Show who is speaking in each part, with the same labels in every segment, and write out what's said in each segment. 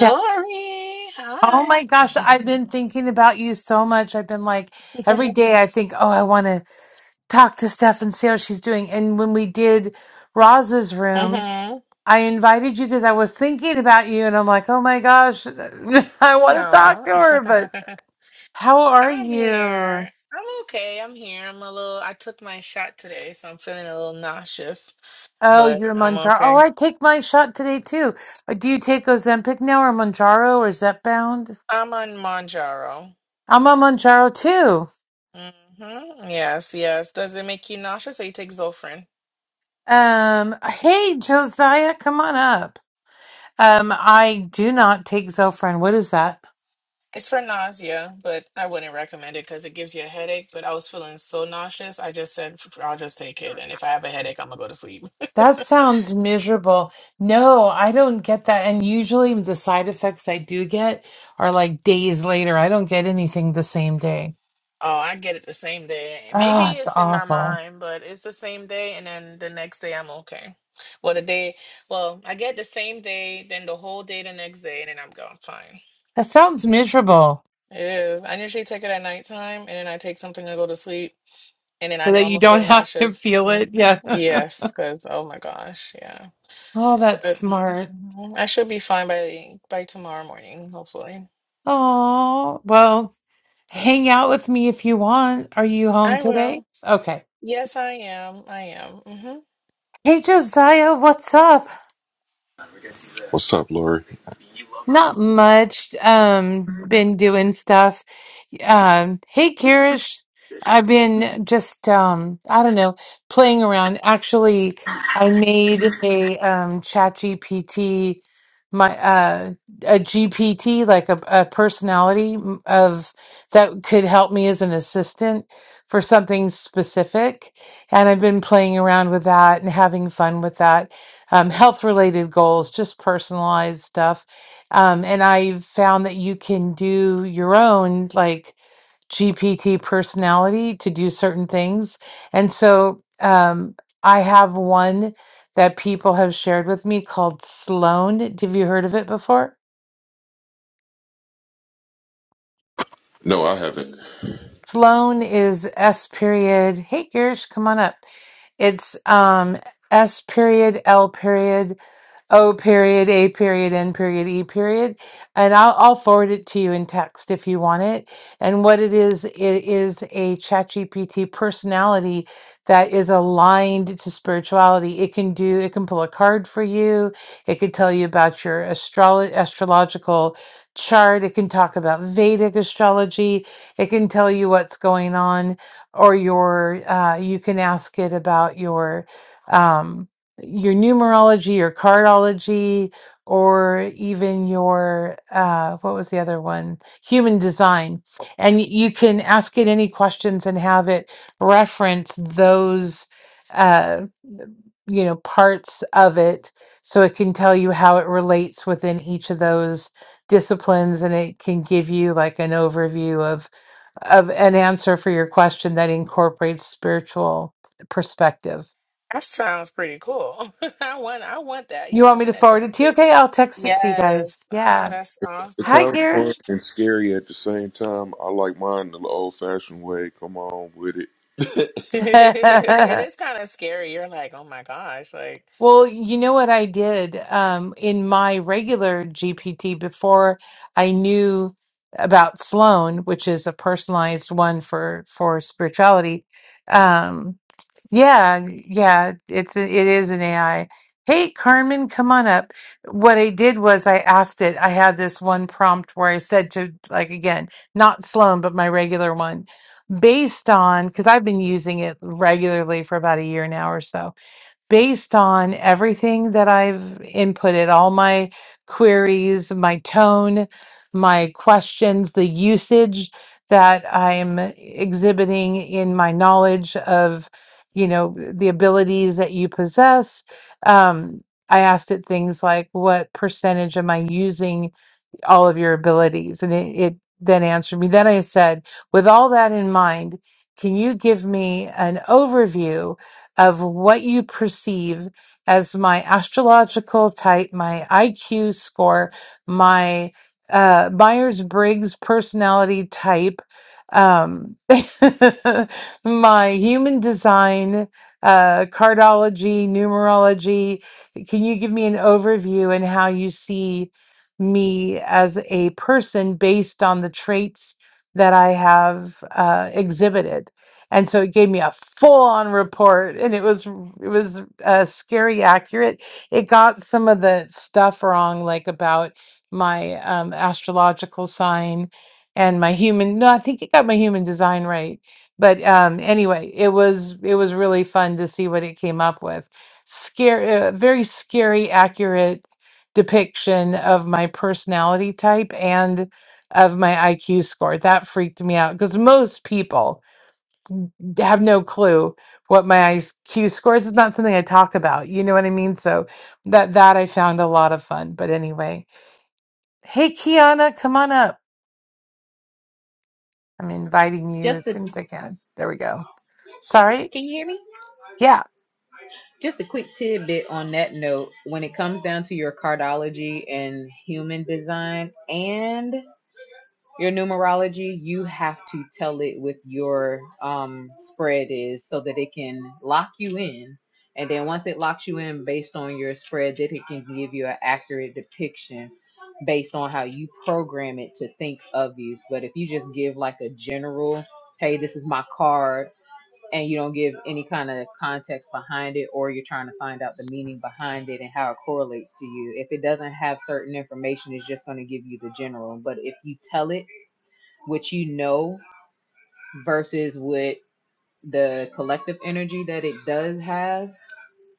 Speaker 1: Yeah. Oh
Speaker 2: Hi.
Speaker 1: my gosh, I've been thinking about you so much. I've been like every day I think, oh, I want to talk to Steph and see how she's doing. And when we did Roz's room,
Speaker 2: Mm-hmm.
Speaker 1: I invited you because I was thinking about you and I'm like, oh my gosh, I want to talk
Speaker 2: Aw.
Speaker 1: to her, but how are
Speaker 2: I'm here.
Speaker 1: you?
Speaker 2: I'm okay. I'm here. I'm a little, I took my shot today, so I'm feeling a little nauseous,
Speaker 1: Oh,
Speaker 2: but
Speaker 1: you're
Speaker 2: I'm
Speaker 1: Monjaro. Oh,
Speaker 2: okay.
Speaker 1: I take my shot today too. Uh, Do you take Ozempic now or Monjaro or Zepbound?
Speaker 2: I'm on Monjaro.
Speaker 1: I'm on Monjaro too.
Speaker 2: Mm-hmm. Yes, yes. Does it make you nauseous or you take Zofran?
Speaker 1: Um, hey, Josiah, come on up. Um, I do not take Zofran. What is that?
Speaker 2: It's for nausea, but I wouldn't recommend it because it gives you a headache. But I was feeling so nauseous, I just said, I'll just take it. And if I have a headache, I'm gonna go to sleep.
Speaker 1: That sounds miserable. No, I don't get that. And usually the side effects I do get are like days later. I don't get anything the same day.
Speaker 2: Oh, I get it the same day.
Speaker 1: Oh,
Speaker 2: Maybe
Speaker 1: it's
Speaker 2: it's in my
Speaker 1: awful.
Speaker 2: mind, but it's the same day, and then the next day I'm okay. Well, the day, well, I get the same day, then the whole day the next day, and then I'm gone. Fine.
Speaker 1: That sounds miserable.
Speaker 2: It is. I usually take it at nighttime, and then I take something to go to sleep, and then
Speaker 1: So
Speaker 2: I know
Speaker 1: that
Speaker 2: I'm
Speaker 1: you
Speaker 2: gonna feel
Speaker 1: don't have to
Speaker 2: nauseous.
Speaker 1: feel it.
Speaker 2: hmm
Speaker 1: Yeah.
Speaker 2: Yes, because oh my gosh, yeah.
Speaker 1: oh, that's
Speaker 2: But
Speaker 1: smart.
Speaker 2: mhm, I should be fine by by tomorrow morning, hopefully.
Speaker 1: Oh, well, hang out with me if you want. Are you home
Speaker 2: I
Speaker 1: today?
Speaker 2: will.
Speaker 1: Okay.
Speaker 2: Yes, I am. I am. Mhm.
Speaker 1: Hey, Josiah, what's up?
Speaker 3: What's up, Lori?
Speaker 1: Not much. Um, been doing stuff. Um, hey, Kirish. I've been just, um, I don't know, playing around. Actually, I made a um, chat GPT, my uh, a GPT, like a, a personality m- of that could help me as an assistant for something specific. And I've been playing around with that and having fun with that. Um, health related goals, just personalized stuff um, and I've found that you can do your own like GPT personality to do certain things. And so um, I have one that people have shared with me called Sloan. Have you heard of it before?
Speaker 3: No, I haven't.
Speaker 1: Sloan is S period. Hey, Girish, come on up. It's um, S period L period O period, A period, N period, E period. And I'll, I'll forward it to you in text if you want it. And what it is, it is a ChatGPT personality that is aligned to spirituality. It can do, it can pull a card for you. It could tell you about your astrolo- astrological chart. It can talk about Vedic astrology. It can tell you what's going on or your, uh, you can ask it about your, um, your numerology, your cardology, or even your uh, what was the other one? Human design. And y- you can ask it any questions and have it reference those uh, you know parts of it so it can tell you how it relates within each of those disciplines and it can give you like an overview of of an answer for your question that incorporates spiritual perspective
Speaker 2: That sounds pretty cool. I want I want that. You
Speaker 1: You
Speaker 2: have to
Speaker 1: want me
Speaker 2: send
Speaker 1: to
Speaker 2: that to
Speaker 1: forward
Speaker 2: me
Speaker 1: it to you?
Speaker 2: too.
Speaker 1: Okay, I'll text it to you guys.
Speaker 2: Yes. Oh,
Speaker 1: Yeah.
Speaker 2: that's
Speaker 3: It
Speaker 1: Hi,
Speaker 3: sounds
Speaker 2: awesome.
Speaker 3: fun
Speaker 1: Garish.
Speaker 3: and scary at the same time. I like mine the old fashioned way. Come on with it.
Speaker 2: It is kind of scary. You're like, oh my gosh, like
Speaker 1: Well, you know what I did um, in my regular GPT before I knew about Sloan, which is a personalized one for for spirituality. Um, Yeah, yeah, it's a, it is an AI. Hey, Carmen, come on up. What I did was I asked it. I had this one prompt where I said to like again, not Sloan, but my regular one, based on because I've been using it regularly for about a year now or so based on everything that I've inputted, all my queries, my tone, my questions, the usage that I'm exhibiting in my knowledge of, you know, the abilities that you possess. Um, I asked it things like, what percentage am I using? all of your abilities. And it, it then answered me. Then I said, with all that in mind, can you give me an overview of what you perceive as my astrological type, my IQ score, my uh, Myers Briggs personality type, um, my human design, uh, cardology, numerology? Can you give me an overview and how you see? me as a person based on the traits that I have uh, exhibited. And so it gave me a full-on report, and it was r- it was uh, scary accurate. It got some of the stuff wrong, like about my um, astrological sign and my human. No, I think it got my human design right. But um, anyway, it was it was really fun to see what it came up with. Scary, uh, very scary, accurate depiction of my personality type and of my IQ score. That freaked me out because most people d- have no clue what my IQ score is. It's not something I talk about. You know what I mean? So that that I found a lot of fun. But anyway, hey Kiana, come on up. I'm inviting you
Speaker 4: Just
Speaker 1: as
Speaker 4: a
Speaker 1: soon as I can. There we go. Sorry.
Speaker 4: can you hear me?
Speaker 1: Yeah.
Speaker 4: Just a quick tidbit on that note. When it comes down to your cardology and human design and your numerology, you have to tell it with your um, spread is so that it can lock you in. And then once it locks you in based on your spread, that it can give you an accurate depiction based on how you program it to think of you. But if you just give like a general, hey, this is my card and you don't give any kind of context behind it or you're trying to find out the meaning behind it and how it correlates to you if it doesn't have certain information it's just going to give you the general but if you tell it what you know versus what the collective energy that it does have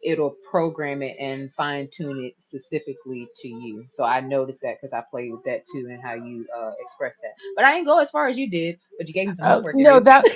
Speaker 4: it'll program it and fine tune it specifically to you so i noticed that because i played with that too and how you uh express that but i didn't go as far as you did but you gave me some
Speaker 1: Uh,
Speaker 4: homework to
Speaker 1: no,
Speaker 4: do
Speaker 1: that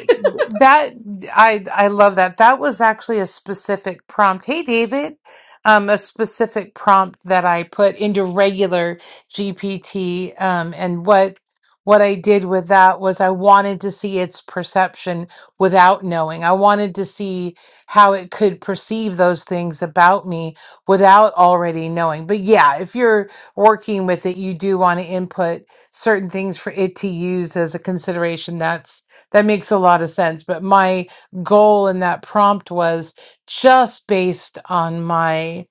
Speaker 1: that I I love that. That was actually a specific prompt. Hey, David, um, a specific prompt that I put into regular GPT, um, and what what I did with that was I wanted to see its perception without knowing. I wanted to see how it could perceive those things about me without already knowing. But yeah, if you're working with it, you do want to input certain things for it to use as a consideration that's that makes a lot of sense but my goal in that prompt was just based on my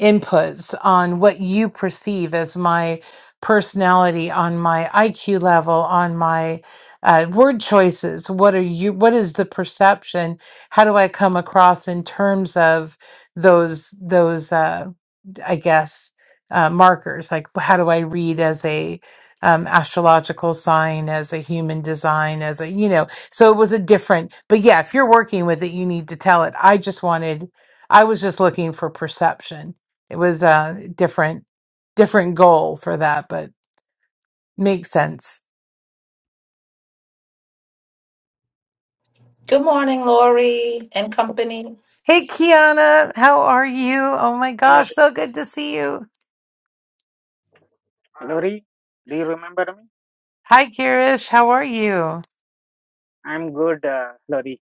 Speaker 1: inputs on what you perceive as my personality on my iq level on my uh, word choices what are you what is the perception how do i come across in terms of those those uh, I guess, uh, markers. Like, how do I read as a um, astrological sign, as a human design, as a, you know, so it was a different, but yeah, if you're working with it, you need to tell it. I just wanted, I was just looking for perception. It was a different, different goal for that, but makes sense.
Speaker 5: Good morning, Lori and company.
Speaker 1: Hey, Kiana, how are you? Oh my
Speaker 6: Hi, Lori.
Speaker 1: gosh, so good to see you.
Speaker 6: Lori, do you remember me?
Speaker 1: Hi, Kirish, how are you?
Speaker 6: I'm good, uh, Lori.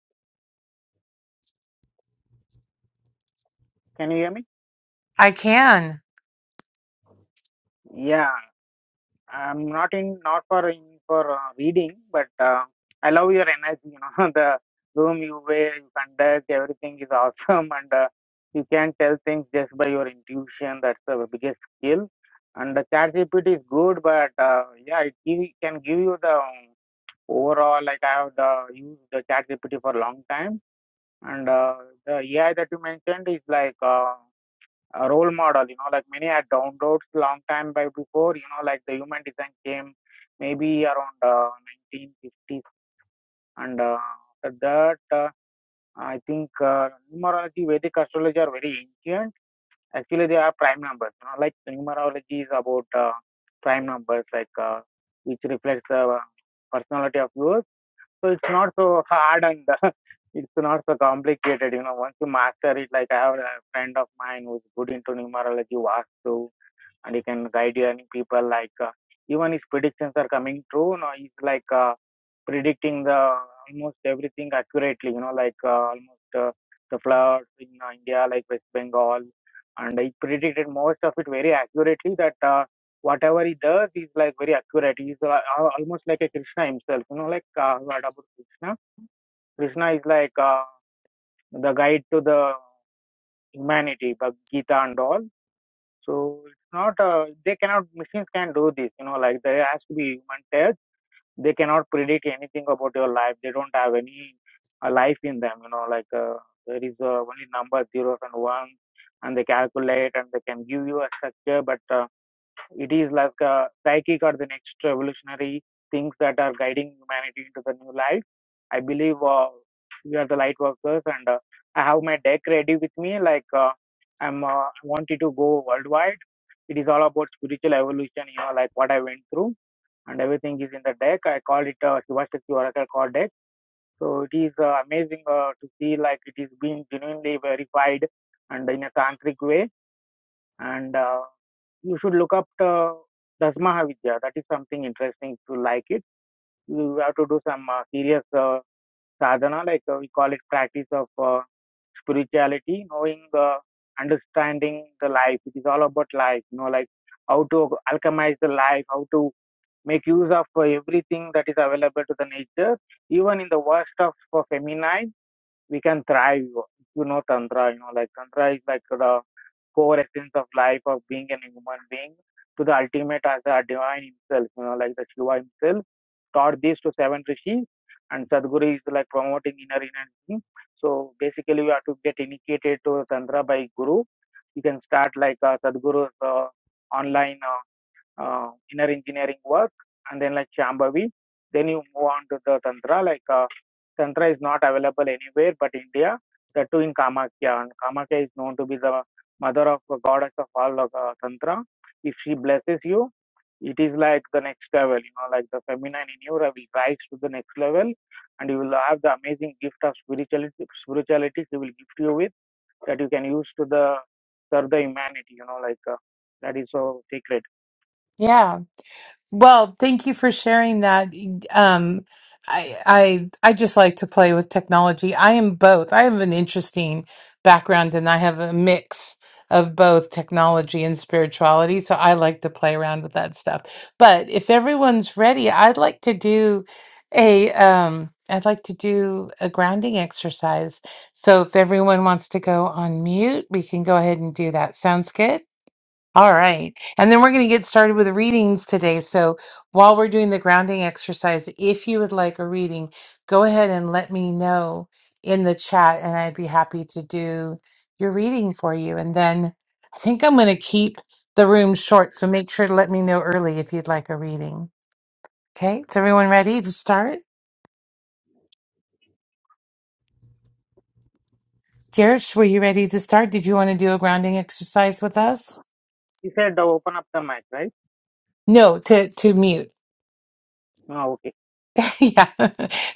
Speaker 6: Can you hear me?
Speaker 1: I can.
Speaker 6: Yeah, I'm not in, not for in for uh, reading, but uh, I love your energy. You know, the room you wear, you conduct, everything is awesome, and uh, you can tell things just by your intuition. That's the biggest skill. And the chat GPT is good, but uh, yeah, it give, can give you the um, overall. Like I have the, used the chat GPT for a long time And uh, the AI that you mentioned is like uh, a role model, you know, like many had downloads long time by before, you know, like the human design came maybe around uh, 1950s. And uh, after that, uh, I think uh, numerology, Vedic astrology are very ancient. Actually, they are prime numbers, you know, like numerology is about uh, prime numbers, like uh, which reflects the uh, personality of yours so it's not so hard and it's not so complicated. You know, once you master it, like I have a friend of mine who's good into numerology, Vastu and he can guide any people like uh, even his predictions are coming true you know. he's like uh, predicting the almost everything accurately you know like uh, almost uh, the floods in uh, india like west bengal and he predicted most of it very accurately that uh, whatever he does is like very accurate he's uh, al- almost like a krishna himself you know like uh, what about krishna krishna is like uh, the guide to the humanity but gita and all so it's not uh, they cannot machines can not do this. You know, like there has to be human touch. They cannot predict anything about your life. They don't have any uh, life in them. You know, like uh, there is uh, only number zeros and ones, and they calculate and they can give you a structure. But uh, it is like uh, psychic or the next revolutionary things that are guiding humanity into the new life. I believe uh, we are the light workers, and uh, I have my deck ready with me. Like uh, I'm uh, wanted to go worldwide it is all about spiritual evolution, you know, like what I went through and everything is in the deck. I call it uh, Shivashakti Oracle Card deck. So it is uh, amazing uh, to see like it is being genuinely verified and in a tantric way. And uh, you should look up the Dasmaha Vidya. That is something interesting to like it you have to do some uh, serious uh, sadhana, like uh, we call it practice of uh, spirituality, knowing, uh, understanding the life. It is all about life, you know, like how to alchemize the life, how to make use of uh, everything that is available to the nature, even in the worst of uh, feminine we can thrive you know tantra you know like tantra is like the core essence of life of being a human being to the ultimate as a divine himself you know like the shiva himself taught this to seven rishis and sadhguru is like promoting inner energy so basically you have to get initiated to tantra by guru you can start like uh, sadhguru's uh, online uh, uh, inner engineering work and then like Shambhavi. Then you move on to the Tantra. Like uh, Tantra is not available anywhere but India. The two in Kamakya. And Kamakya is known to be the mother of the goddess of all of uh, Tantra. If she blesses you, it is like the next level, you know, like the feminine in you will rise to the next level and you will have the amazing gift of spirituality, spirituality she will gift you with that you can use to the serve the humanity, you know, like uh, that is so sacred.
Speaker 1: Yeah. Well, thank you for sharing that. Um, I, I, I just like to play with technology. I am both. I have an interesting background and I have a mix of both technology and spirituality. So I like to play around with that stuff. But if everyone's ready, I'd like to do a, um, I'd like to do a grounding exercise. So if everyone wants to go on mute, we can go ahead and do that. Sounds good? All right. And then we're going to get started with readings today. So while we're doing the grounding exercise, if you would like a reading, go ahead and let me know in the chat, and I'd be happy to do your reading for you. And then I think I'm going to keep the room short. So make sure to let me know early if you'd like a reading. Okay. Is everyone ready to start? Girish, were you ready to start? Did you want to do a grounding exercise with us?
Speaker 6: You said uh, open up the mic, right?
Speaker 1: No, to, to mute.
Speaker 6: Oh, okay.
Speaker 1: Yeah,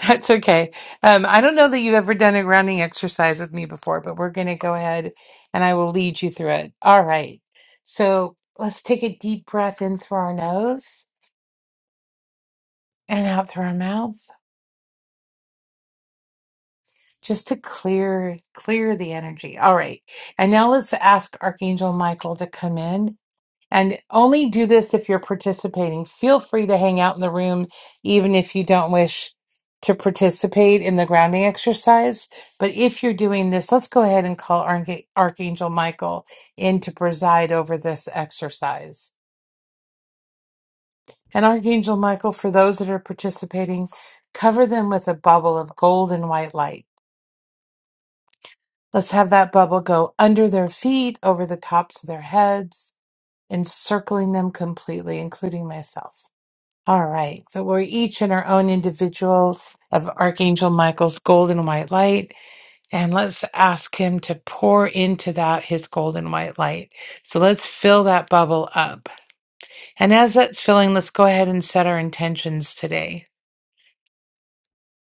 Speaker 1: that's okay. Um, I don't know that you've ever done a grounding exercise with me before, but we're going to go ahead and I will lead you through it. All right. So let's take a deep breath in through our nose and out through our mouths just to clear clear the energy. All right. And now let's ask Archangel Michael to come in And only do this if you're participating. Feel free to hang out in the room, even if you don't wish to participate in the grounding exercise. But if you're doing this, let's go ahead and call Arch- Archangel Michael in to preside over this exercise. And Archangel Michael, for those that are participating, cover them with a bubble of gold and white light. Let's have that bubble go under their feet, over the tops of their heads, encircling them completely, including myself. All right. So we're each in our own individual of Archangel Michael's golden white light. And let's ask him to pour into that his golden white light. So let's fill that bubble up. And as that's filling, let's go ahead and set our intentions today.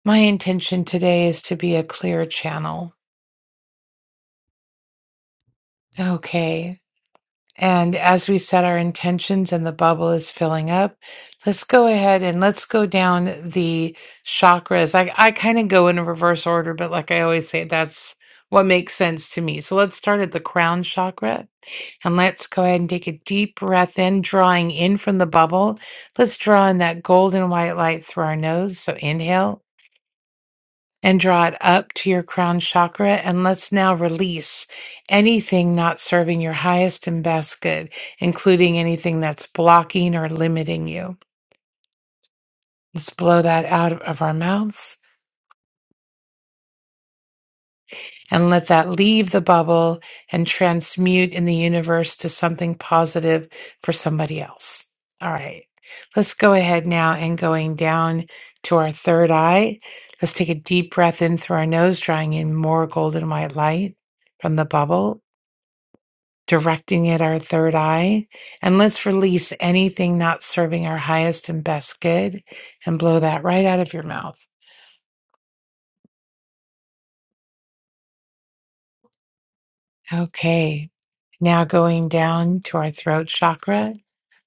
Speaker 1: My intention today is to be a clear channel. Okay. And as we set our intentions and the bubble is filling up, let's go ahead and let's go down the chakras. I, I kind of go in reverse order, but like I always say, that's what makes sense to me. So let's start at the crown chakra and let's go ahead and take a deep breath in, drawing in from the bubble. Let's draw in that golden white light through our nose. So inhale and draw it up to your crown chakra. And let's now release anything not serving your highest and best good, including anything that's blocking or limiting you. Let's blow that out of our mouths and let that leave the bubble and transmute in the universe to something positive for somebody else. All right. Let's go ahead now and going down to our third eye. Let's take a deep breath in through our nose, drawing in more golden white light from the bubble. directing at our third eye, and let's release anything not serving our highest and best good and blow that right out of your mouth. Okay. Now going down to our throat chakra.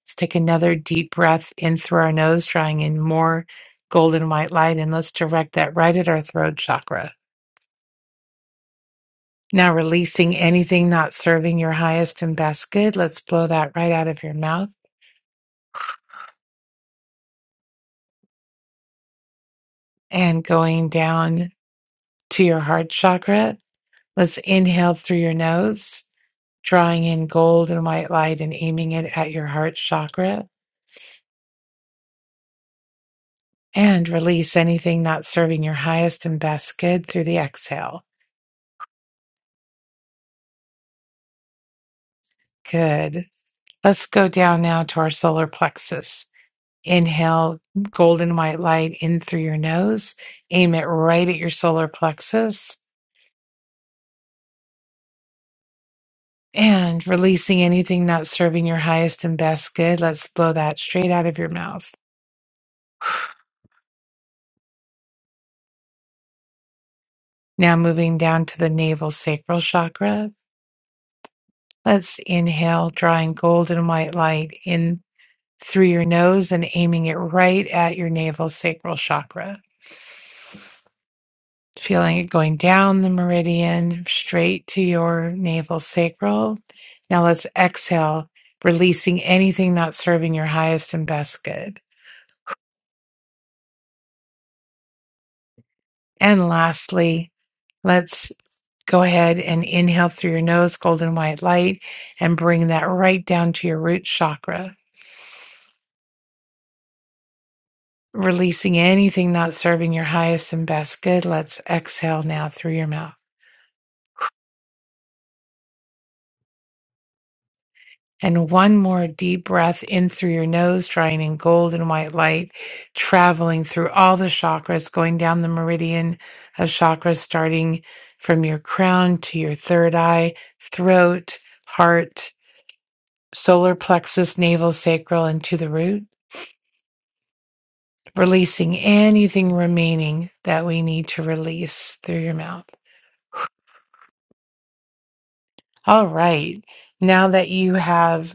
Speaker 1: Let's take another deep breath in through our nose, drawing in more golden white light, and let's direct that right at our throat chakra. Now releasing anything not serving your highest and best good. Let's blow that right out of your mouth. And going down to your heart chakra. Let's inhale through your nose, drawing in gold and white light and aiming it at your heart chakra. And release anything not serving your highest and best good through the exhale. Good. Let's go down now to our solar plexus. Inhale golden white light in through your nose. Aim it right at your solar plexus. And releasing anything not serving your highest and best good, let's blow that straight out of your mouth. Now moving down to the navel sacral chakra. Let's inhale, drawing golden white light in through your nose and aiming it right at your navel sacral chakra. Feeling it going down the meridian straight to your navel sacral. Now let's exhale, releasing anything not serving your highest and best good. And lastly, let's. Go ahead and inhale through your nose, golden white light, and bring that right down to your root chakra. Releasing anything not serving your highest and best good, let's exhale now through your mouth. And one more deep breath in through your nose, drawing in golden white light, traveling through all the chakras, going down the meridian of chakras, starting from your crown to your third eye, throat, heart, solar plexus, navel, sacral, and to the root. releasing anything remaining that we need to release through your mouth. All right. Now that you have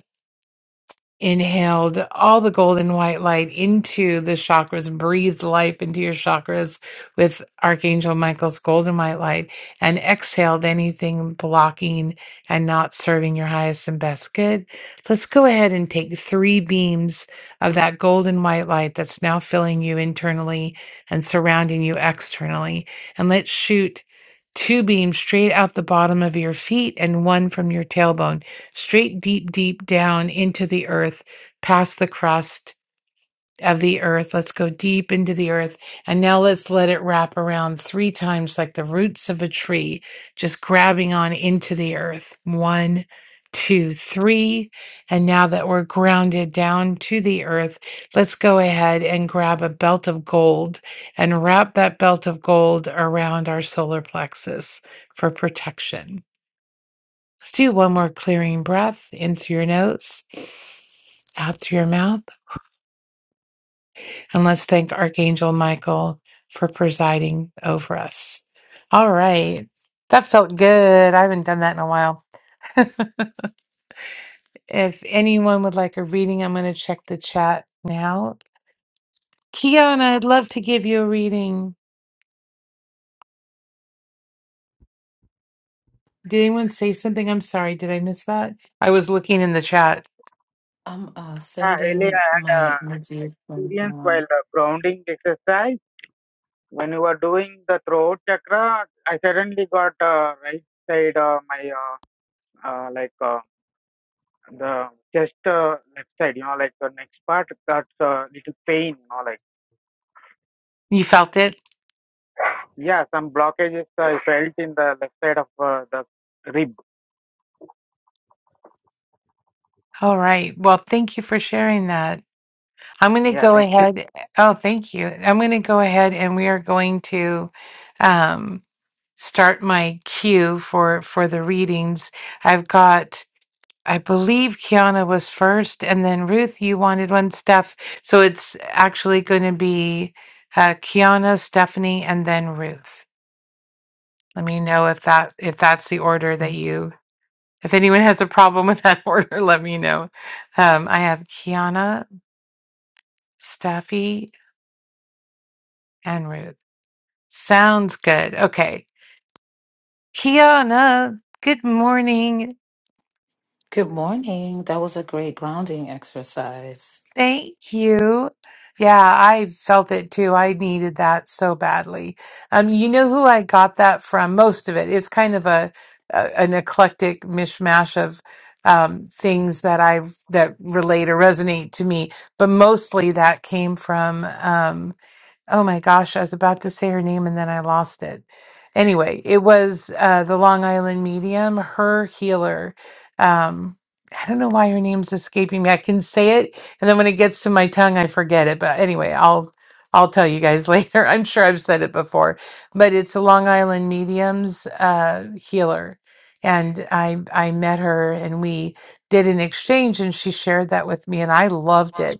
Speaker 1: inhaled all the golden white light into the chakras, breathed life into your chakras with Archangel Michael's golden white light, and exhaled anything blocking and not serving your highest and best good. Let's go ahead and take three beams of that golden white light that's now filling you internally and surrounding you externally, and let's shoot. Two beams straight out the bottom of your feet and one from your tailbone straight deep, deep down into the earth, past the crust of the earth. Let's go deep into the earth. And now let's let it wrap around three times like the roots of a tree, just grabbing on into the earth. One, two, three. And now that we're grounded down to the earth, let's go ahead and grab a belt of gold and wrap that belt of gold around our solar plexus for protection. Let's do one more clearing breath in through your nose, out through your mouth. And let's thank Archangel Michael for presiding over us. All right. That felt good. I haven't done that in a while. If anyone would like a reading, I'm going to check the chat now. Kiana, I'd love to give you a reading. Did anyone say something? I'm sorry. Did I miss that? I was looking in the chat.
Speaker 5: I'm uh,
Speaker 6: Uh, really,
Speaker 5: sending
Speaker 6: I had
Speaker 5: my
Speaker 6: uh,
Speaker 5: energy from
Speaker 6: experience while
Speaker 5: mom.
Speaker 6: uh, grounding exercise. When you were doing the throat chakra, I suddenly got uh, right side uh, my uh, uh, like uh, the chest uh, left side, you know, like the next part got uh, little pain, you know, like
Speaker 1: You felt it?
Speaker 6: yeah, some blockages I felt in the left side of uh, the rib.
Speaker 1: All right. Well, thank you for sharing that. I'm going to
Speaker 6: Yeah,
Speaker 1: go
Speaker 6: thank you.
Speaker 1: ahead. Oh, thank you. I'm going to go ahead and we are going to um, start my cue for for the readings. I've got, I believe Kiana was first, and then Ruth, you wanted one, Steph. So it's actually going to be uh, Kiana, Stephanie, and then Ruth. Let me know if that if that's the order that you. If anyone has a problem with that order, let me know. Um, I have Kiana, Steffi, and Ruth. Sounds good. Okay. Kiana, good morning.
Speaker 5: Good morning. That was a great grounding exercise.
Speaker 1: Thank you. Yeah, I felt it too. I needed that so badly. Um, you know who I got that from? Most of It's kind of a, a an eclectic mishmash of um, things that I that relate or resonate to me, but mostly that came from. Um, Oh my gosh, I was about to say her name and then I lost it. Anyway, it was uh, the Long Island medium, her healer. Um, I don't know why her name's escaping me. I can say it, and then when it gets to my tongue, I forget it. But anyway, I'll I'll tell you guys later. I'm sure I've said it before, but it's a Long Island medium's uh, healer, and I I met her and we did an exchange, and she shared that with me, and I loved it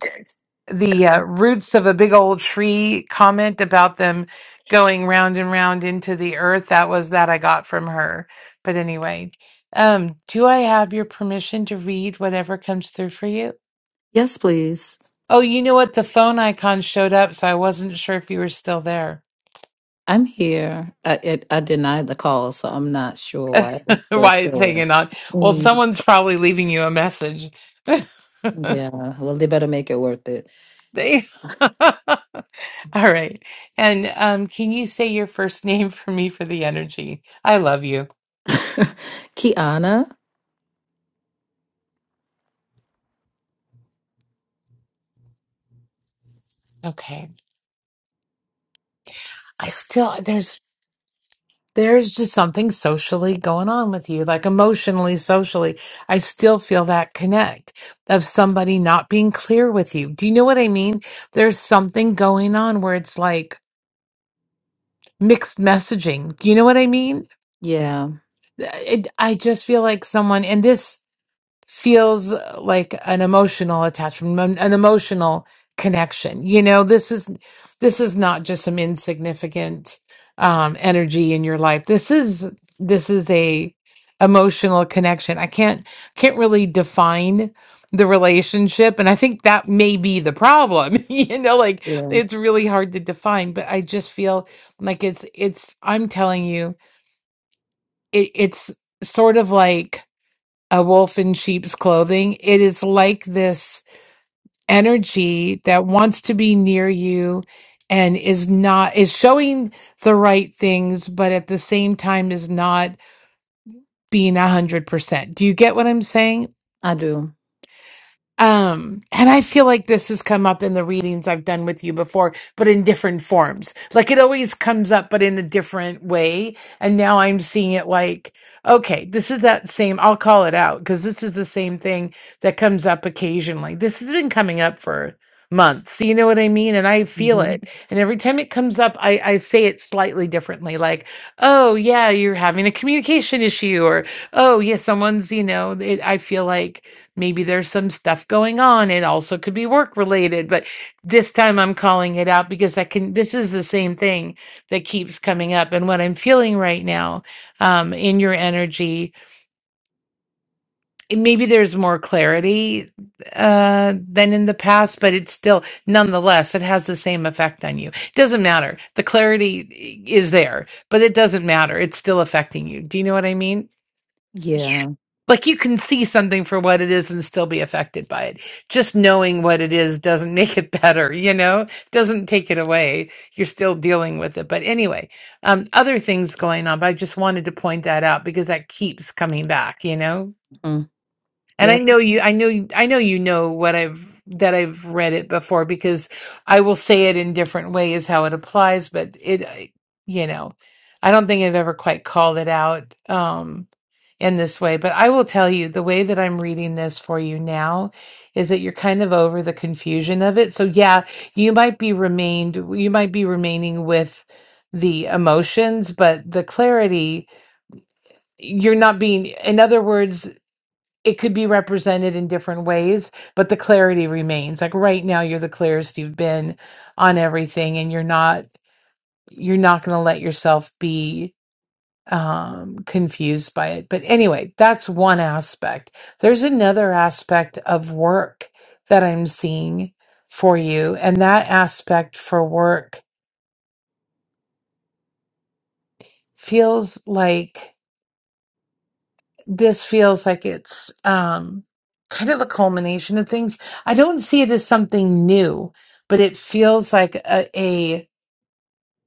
Speaker 1: the uh, roots of a big old tree comment about them going round and round into the earth. That was that I got from her. But anyway, um, do I have your permission to read whatever comes through for you?
Speaker 5: Yes, please.
Speaker 1: Oh, you know what? The phone icon showed up, so I wasn't sure if you were still there.
Speaker 5: I'm here. I it, I denied the call, so I'm not sure why it was still
Speaker 1: Why it's
Speaker 5: showing.
Speaker 1: hanging on. Well,
Speaker 5: Mm,
Speaker 1: someone's probably leaving you a message.
Speaker 5: yeah. Well, they better make it worth it.
Speaker 1: they. All right. And um, can you say your first name for me for the energy? I love you.
Speaker 5: Kiana.
Speaker 1: Okay. I still there's there's just something socially going on with you, like emotionally, socially. I still feel that connect of somebody not being clear with you. Do you know what I mean? There's something going on where it's like mixed messaging. Do you know what I mean?
Speaker 5: Yeah.
Speaker 1: It, I just feel like someone and this. feels like an emotional attachment, an an emotional connection. You know, this is this is not just some insignificant um energy in your life. This is this is a emotional connection. I can't can't really define the relationship and I think that may be the problem. you know, like
Speaker 5: Yeah.
Speaker 1: it's really hard to define, but I just feel like it's it's I'm telling you, it, it's sort of like a wolf in sheep's clothing. It is like this energy that wants to be near you and is not, is showing the right things, but at the same time is not being a hundred percent. Do you get what I'm saying?
Speaker 5: I do.
Speaker 1: Um, and I feel like this has come up in the readings I've done with you before, but in different forms. Like it always comes up, but in a different way. And now I'm seeing it like, okay, this is that same, I'll call it out because this is the same thing that comes up occasionally. This has been coming up for months. So you know what I mean? And I feel
Speaker 5: hmm
Speaker 1: it. And every time it comes up, I, I say it slightly differently, like, oh, yeah, you're having a communication issue, or oh, yeah, someone's, you know, it, I feel like, Maybe there's some stuff going on. It also could be work related, but this time I'm calling it out because I can. This is the same thing that keeps coming up, and what I'm feeling right now um, in your energy. and Maybe there's more clarity uh, than in the past, but it's still, nonetheless, it has the same effect on you. It doesn't matter. The clarity eh, is there, but it doesn't matter. It's still affecting you. Do you know what I mean?
Speaker 5: Yeah.
Speaker 1: like you can see something for what it is and still be affected by it. Just knowing what it is doesn't make it better, you know, doesn't take it away. You're still dealing with it. But anyway, um, other things going on, but I just wanted to point that out because that keeps coming back, you know?
Speaker 5: Mm,
Speaker 1: And I
Speaker 5: Yep.
Speaker 1: know you, I know, you- I know you know what I've, that I've read it before because I will say it in different ways how it applies, but it, I- you know, I don't think I've ever quite called it out. Um, in this way. But I will tell you the way that I'm reading this for you now is that you're kind of over the confusion of it. So yeah, you might be remained you might be remaining with the emotions, but the clarity you're not being in other words it could be represented in different ways, but the clarity remains. Like right now you're the clearest you've been on everything and you're not you're not going to let yourself be um confused by it but anyway that's one aspect there's another aspect of work that i'm seeing for you and that aspect for work feels like this feels like it's um kind of a culmination of things i don't see it as something new but it feels like a,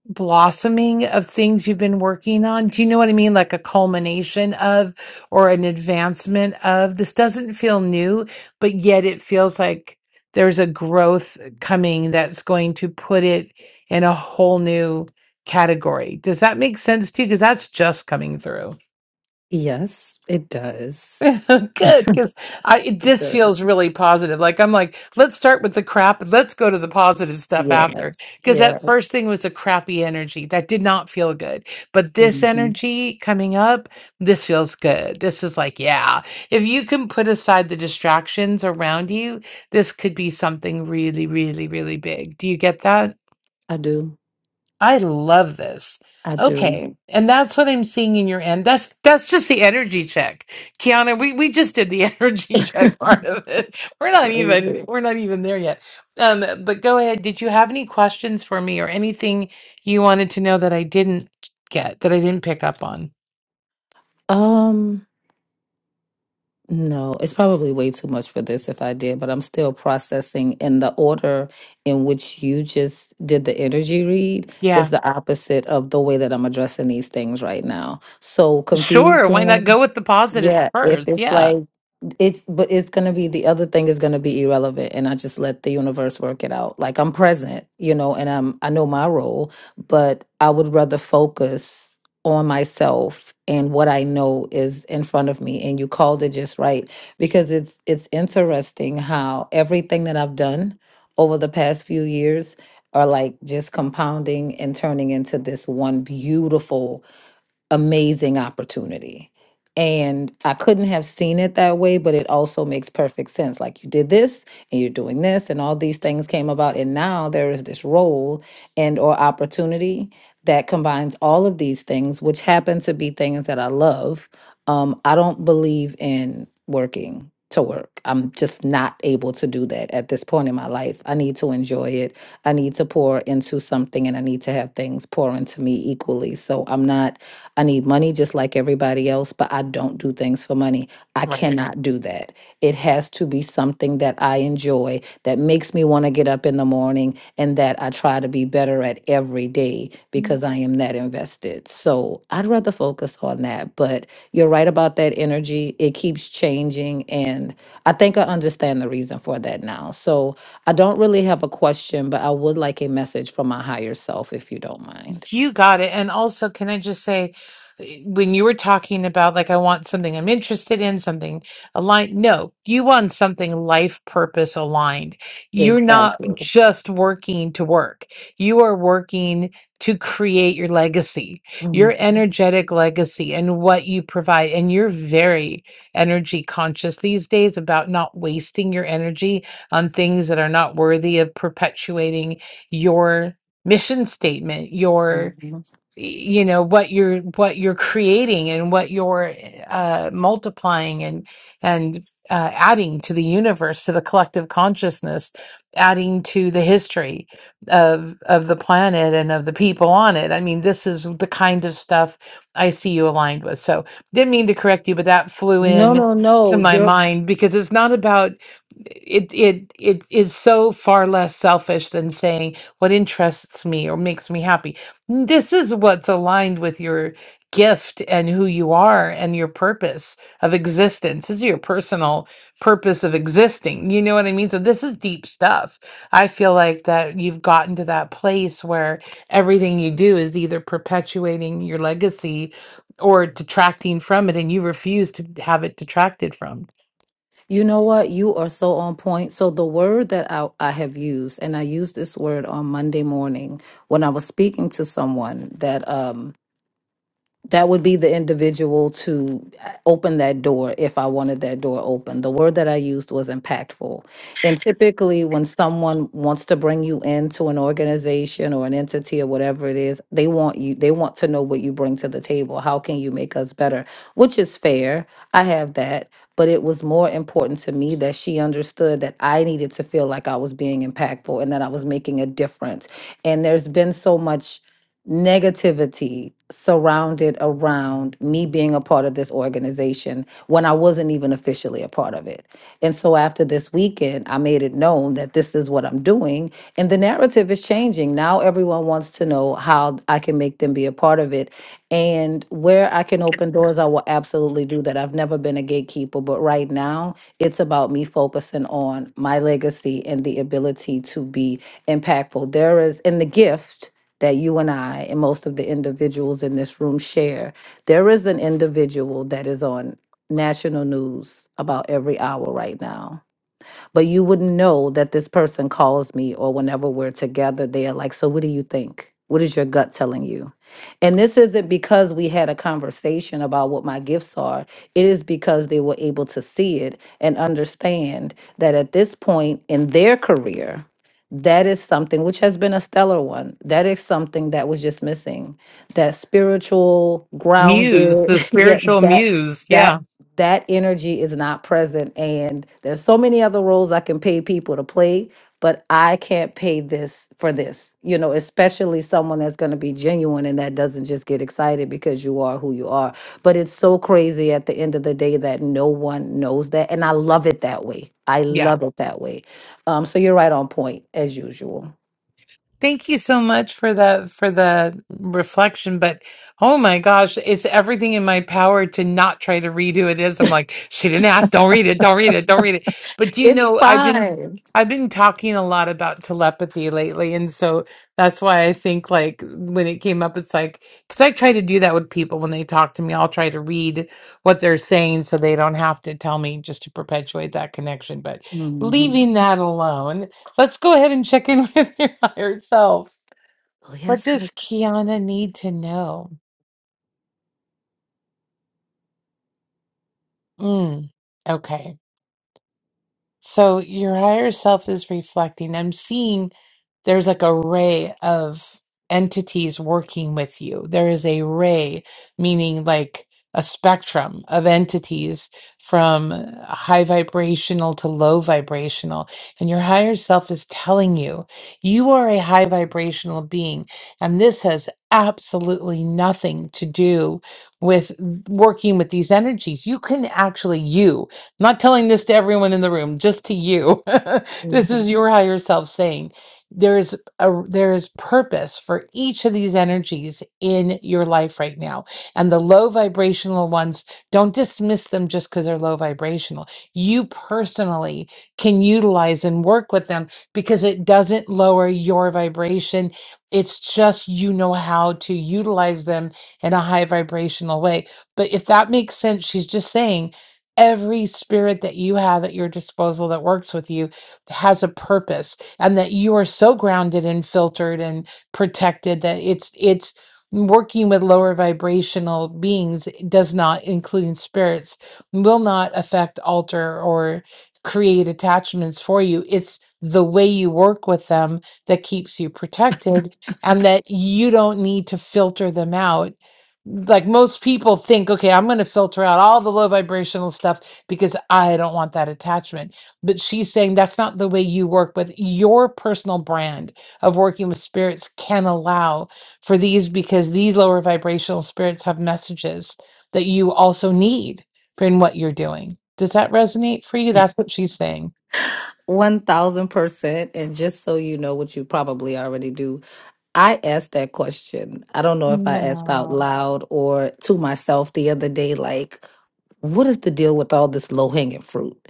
Speaker 1: blossoming of things you've been working on. Do you know what I mean? Like a culmination of or an advancement of. This doesn't feel new, but yet it feels like there's a growth coming that's going to put it in a whole new category. Does that make sense to you? Because that's just coming through.
Speaker 5: Yes, it does.
Speaker 1: Good, because I it-
Speaker 5: It
Speaker 1: this
Speaker 5: does.
Speaker 1: feels really positive. Like I'm like, let's start with the crap and let's go to the positive stuff
Speaker 5: Yeah,
Speaker 1: after. Because that
Speaker 5: yeah.
Speaker 1: first thing was a crappy energy that did not feel good. But this
Speaker 5: hmm
Speaker 1: energy coming up, this feels good. This is like, yeah, if you can put aside the distractions around you, this could be something really, really, really big. Do you get that?
Speaker 5: I do.
Speaker 1: I love this.
Speaker 5: I do.
Speaker 1: Okay. And that's what I'm seeing in your end. That's that's just the energy check. Kiana, we, we just did the energy check part of this. We're not
Speaker 5: Crazy.
Speaker 1: even we're not even there yet. Um, but go ahead. Did you have any questions for me or anything you wanted to know that I didn't get, that I didn't pick up on?
Speaker 5: Um, no, it's probably way too much for this if I did, but I'm still processing. And the order in which you just did the energy read is
Speaker 1: Yeah.
Speaker 5: the opposite of the way that I'm addressing these things right now. So
Speaker 1: Sure. Why not
Speaker 5: confusion.
Speaker 1: go with the positives
Speaker 5: Yeah, if
Speaker 1: first?
Speaker 5: it's
Speaker 1: Yeah.
Speaker 5: like it's but it's gonna be the other thing is gonna be irrelevant and I just let the universe work it out. Like I'm present, you know, and I'm I know my role, but I would rather focus on myself and what I know is in front of me. And you called it just right because it's it's interesting how everything that I've done over the past few years are like just compounding and turning into this one beautiful amazing opportunity. And I couldn't have seen it that way, but it also makes perfect sense. Like you did this and you're doing this and all these things came about and now there is this role and or opportunity that combines all of these things which happen to be things that I love. Um I don't believe in working to work. I'm just not able to do that at this point in my life. I need to enjoy it I need to pour into something and I need to have things pour into me equally. So I'm not, I need money just like everybody else, but I don't do things for money. I
Speaker 1: Right.
Speaker 5: cannot do that. It has to be something that I enjoy, that makes me want to get up in the morning, and that I try to be better at it every day because I am that invested. So I'd rather focus on that. But you're right about that energy. It keeps changing. And I think I understand the reason for that now. So I don't really have a question, but I would like a message from my higher self if you don't mind.
Speaker 1: You got it. And also, can I just say, when you were talking about like, I want something I'm interested in, something aligned. No, you want something life purpose aligned. You're not
Speaker 5: Exactly.
Speaker 1: just working to work. You are working to create your legacy,
Speaker 5: Mhm.
Speaker 1: your energetic legacy and what you provide. And you're very energy conscious these days about not wasting your energy on things that are not worthy of perpetuating your mission statement your
Speaker 5: Mhm.
Speaker 1: you know what you're what you're creating and what you're uh, multiplying and and uh, adding to the universe to the collective consciousness adding to the history of of the planet and of the people on it i mean this is the kind of stuff i see you aligned with so didn't mean to correct you but that flew
Speaker 5: No,
Speaker 1: in
Speaker 5: no,
Speaker 1: to
Speaker 5: no.
Speaker 1: my
Speaker 5: You're
Speaker 1: mind because it's not about it it it is so far less selfish than saying what interests me or makes me happy this is what's aligned with your gift and who you are and your purpose of existence. This is your personal purpose of existing. You know what I mean? So, this is deep stuff. I feel like that you've gotten to that place where everything you do is either perpetuating your legacy or detracting from it, and you refuse to have it detracted from.
Speaker 5: You know what? You are so on point. So, the word that I, I have used, and I used this word on Monday morning when I was speaking to someone that um that would be the individual to uh, open that door if I wanted that door open. The word that I used was impactful. And typically, when someone wants to bring you into an organization or an entity or whatever it is, they want you, they want to know what you bring to the table. How can you make us better? Which is fair. I have that. But it was more important to me that she understood that I needed to feel like I was being impactful and that I was making a difference. And there's been so much negativity surrounded around me being a part of this organization when I wasn't even officially a part of it. And so after this weekend, I made it known that this is what I'm doing. And the narrative is changing. Now everyone wants to know how I can make them be a part of it. And where I can
Speaker 1: Good.
Speaker 5: open doors, I will absolutely do that. I've never been a gatekeeper, but right now it's about me focusing on my legacy and the ability to be impactful. There is, and the gift that you and I and most of the individuals in this room share. There is an individual that is on national news about every hour right now but you wouldn't know that this person calls me or whenever we're together, they're like, So what do you think? What is your gut telling you? And this isn't because we had a conversation about what my gifts are. It is because they were able to see it and understand that at this point in their career, that is something which has been a stellar one. That is something that was just missing. That spiritual
Speaker 1: Muse,
Speaker 5: grounded,
Speaker 1: the
Speaker 5: yeah,
Speaker 1: spiritual
Speaker 5: that
Speaker 1: muse.
Speaker 5: that
Speaker 1: Yeah.
Speaker 5: that energy is not present and there's so many other roles i can pay people to play but i can't pay this for this you know especially someone that's going to be genuine and that doesn't just get excited because you are who you are but it's so crazy at the end of the day that no one knows that and i love it that way i
Speaker 1: Yeah.
Speaker 5: love it that way um so you're right on point as usual
Speaker 1: Thank you so much for the for the reflection, but oh my gosh, it's everything in my power to not try to read who it is. I'm like, she didn't ask, don't read it, don't read it, don't read it. But do you
Speaker 5: it's
Speaker 1: know, I've been
Speaker 5: fine
Speaker 1: I've been talking a lot about telepathy lately, and so that's why I think like when it came up, it's like because I try to do that with people when they talk to me, I'll try to read what they're saying so they don't have to tell me just to perpetuate that connection. But
Speaker 5: Mhm.
Speaker 1: leaving that alone. Let's go ahead and check in with your higher self.
Speaker 5: Oh,
Speaker 1: What
Speaker 5: yes
Speaker 1: does
Speaker 5: yes
Speaker 1: Kiana need to know? Mm, okay. So your higher self is reflecting. I'm seeing there's like a ray of entities working with you. There is a ray, meaning like a spectrum of entities from high vibrational to low vibrational. And your higher self is telling you, you are a high vibrational being. And this has absolutely nothing to do with working with these energies. You can actually, you not telling this to everyone in the room, just to you. this
Speaker 5: mhm.
Speaker 1: is your higher self saying there's a there's purpose for each of these energies in your life right now. And the low vibrational ones, don't dismiss them just because they're low vibrational. You personally can utilize and work with them because it doesn't lower your vibration. It's just you know how to utilize them in a high vibrational way. But if that makes sense, she's just saying every spirit that you have at your disposal that works with you has a purpose and that you are so grounded and filtered and protected that it's it's working with lower vibrational beings does not including spirits will not affect alter or create attachments for you it's the way you work with them that keeps you protected and that you don't need to filter them out like most people think, okay, I'm going to filter out all the low vibrational stuff because I don't want that attachment. But she's saying that's not the way you work with your personal brand of working with spirits can allow for these because these lower vibrational spirits have messages that you also need for in what you're doing. Does that resonate for you? That's what she's saying.
Speaker 5: 1000% and just so you know what you probably already do I asked that question. I don't know if I asked out
Speaker 1: No.
Speaker 5: loud or to myself the other day, like, what is the deal with all this low hanging fruit?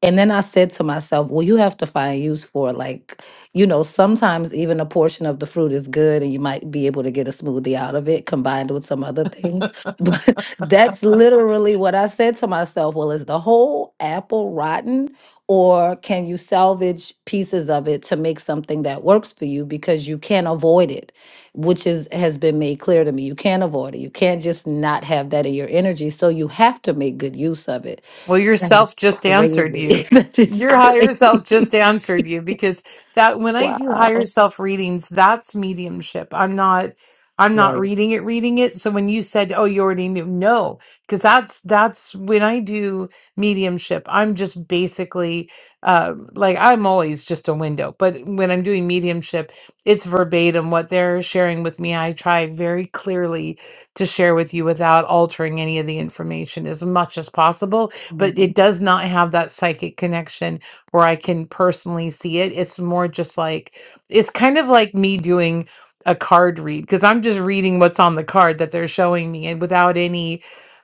Speaker 5: And then I said to myself, well, you have to find use for like, you know, sometimes even a portion of the fruit is good and you might be able to get a smoothie out of it combined with some other things. But that's literally what I said to myself. Well, is the whole apple rotten or can you salvage pieces of it to make something that works for you because you can't avoid it, which is has been made clear to me. You can't avoid it. You can't just not have that in your energy, so you have to make good use of it
Speaker 1: Well,
Speaker 5: that
Speaker 1: yourself
Speaker 5: is
Speaker 1: just answered
Speaker 5: crazy.
Speaker 1: you.
Speaker 5: that is
Speaker 1: Your higher
Speaker 5: crazy.
Speaker 1: self just answered you because that when I do
Speaker 5: Wow.
Speaker 1: higher self readings, that's mediumship. I'm not I'm not
Speaker 5: Right.
Speaker 1: reading it, reading it. So when you said, "Oh, you already knew," no, because that's that's when I do mediumship. I'm just basically uh, like I'm always just a window, but when I'm doing mediumship, it's verbatim what they're sharing with me. I try very clearly to share with you without altering any of the information as much as possible but it
Speaker 5: Mhm.
Speaker 1: does not have that psychic connection where I can personally see it. It's more just like, it's kind of like me doing a card read because I'm just reading what's on the card that they're showing me and without any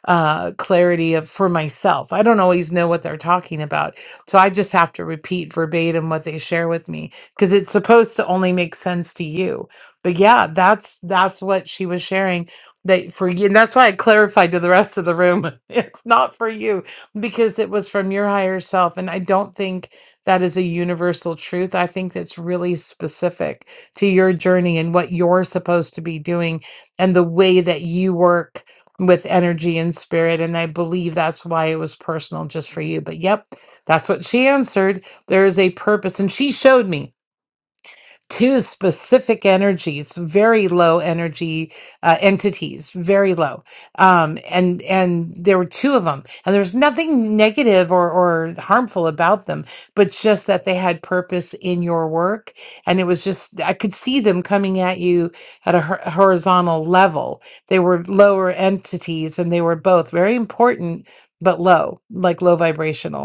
Speaker 1: uh clarity of for myself. I don't always know what they're talking about. So I just have to repeat verbatim what they share with me because it's supposed to only make sense to you. But yeah, that's that's what she was sharing that for you and that's why I clarified to the rest of the room. It's not for you because it was from your higher self. And I don't think that is a universal truth. I think that's really specific to your journey and what you're supposed to be doing and the way that you work with energy and spirit. And I believe that's why it was personal just for you. But yep, that's what she answered. There is a purpose. And she showed me two specific energies very low energy uh, entities very low um, and and there were two of them and there's nothing negative or, or harmful about them but just that they had purpose in your work and it was just i could see them coming at you at a hor- horizontal level they were lower entities and they were both very important but low like low vibrational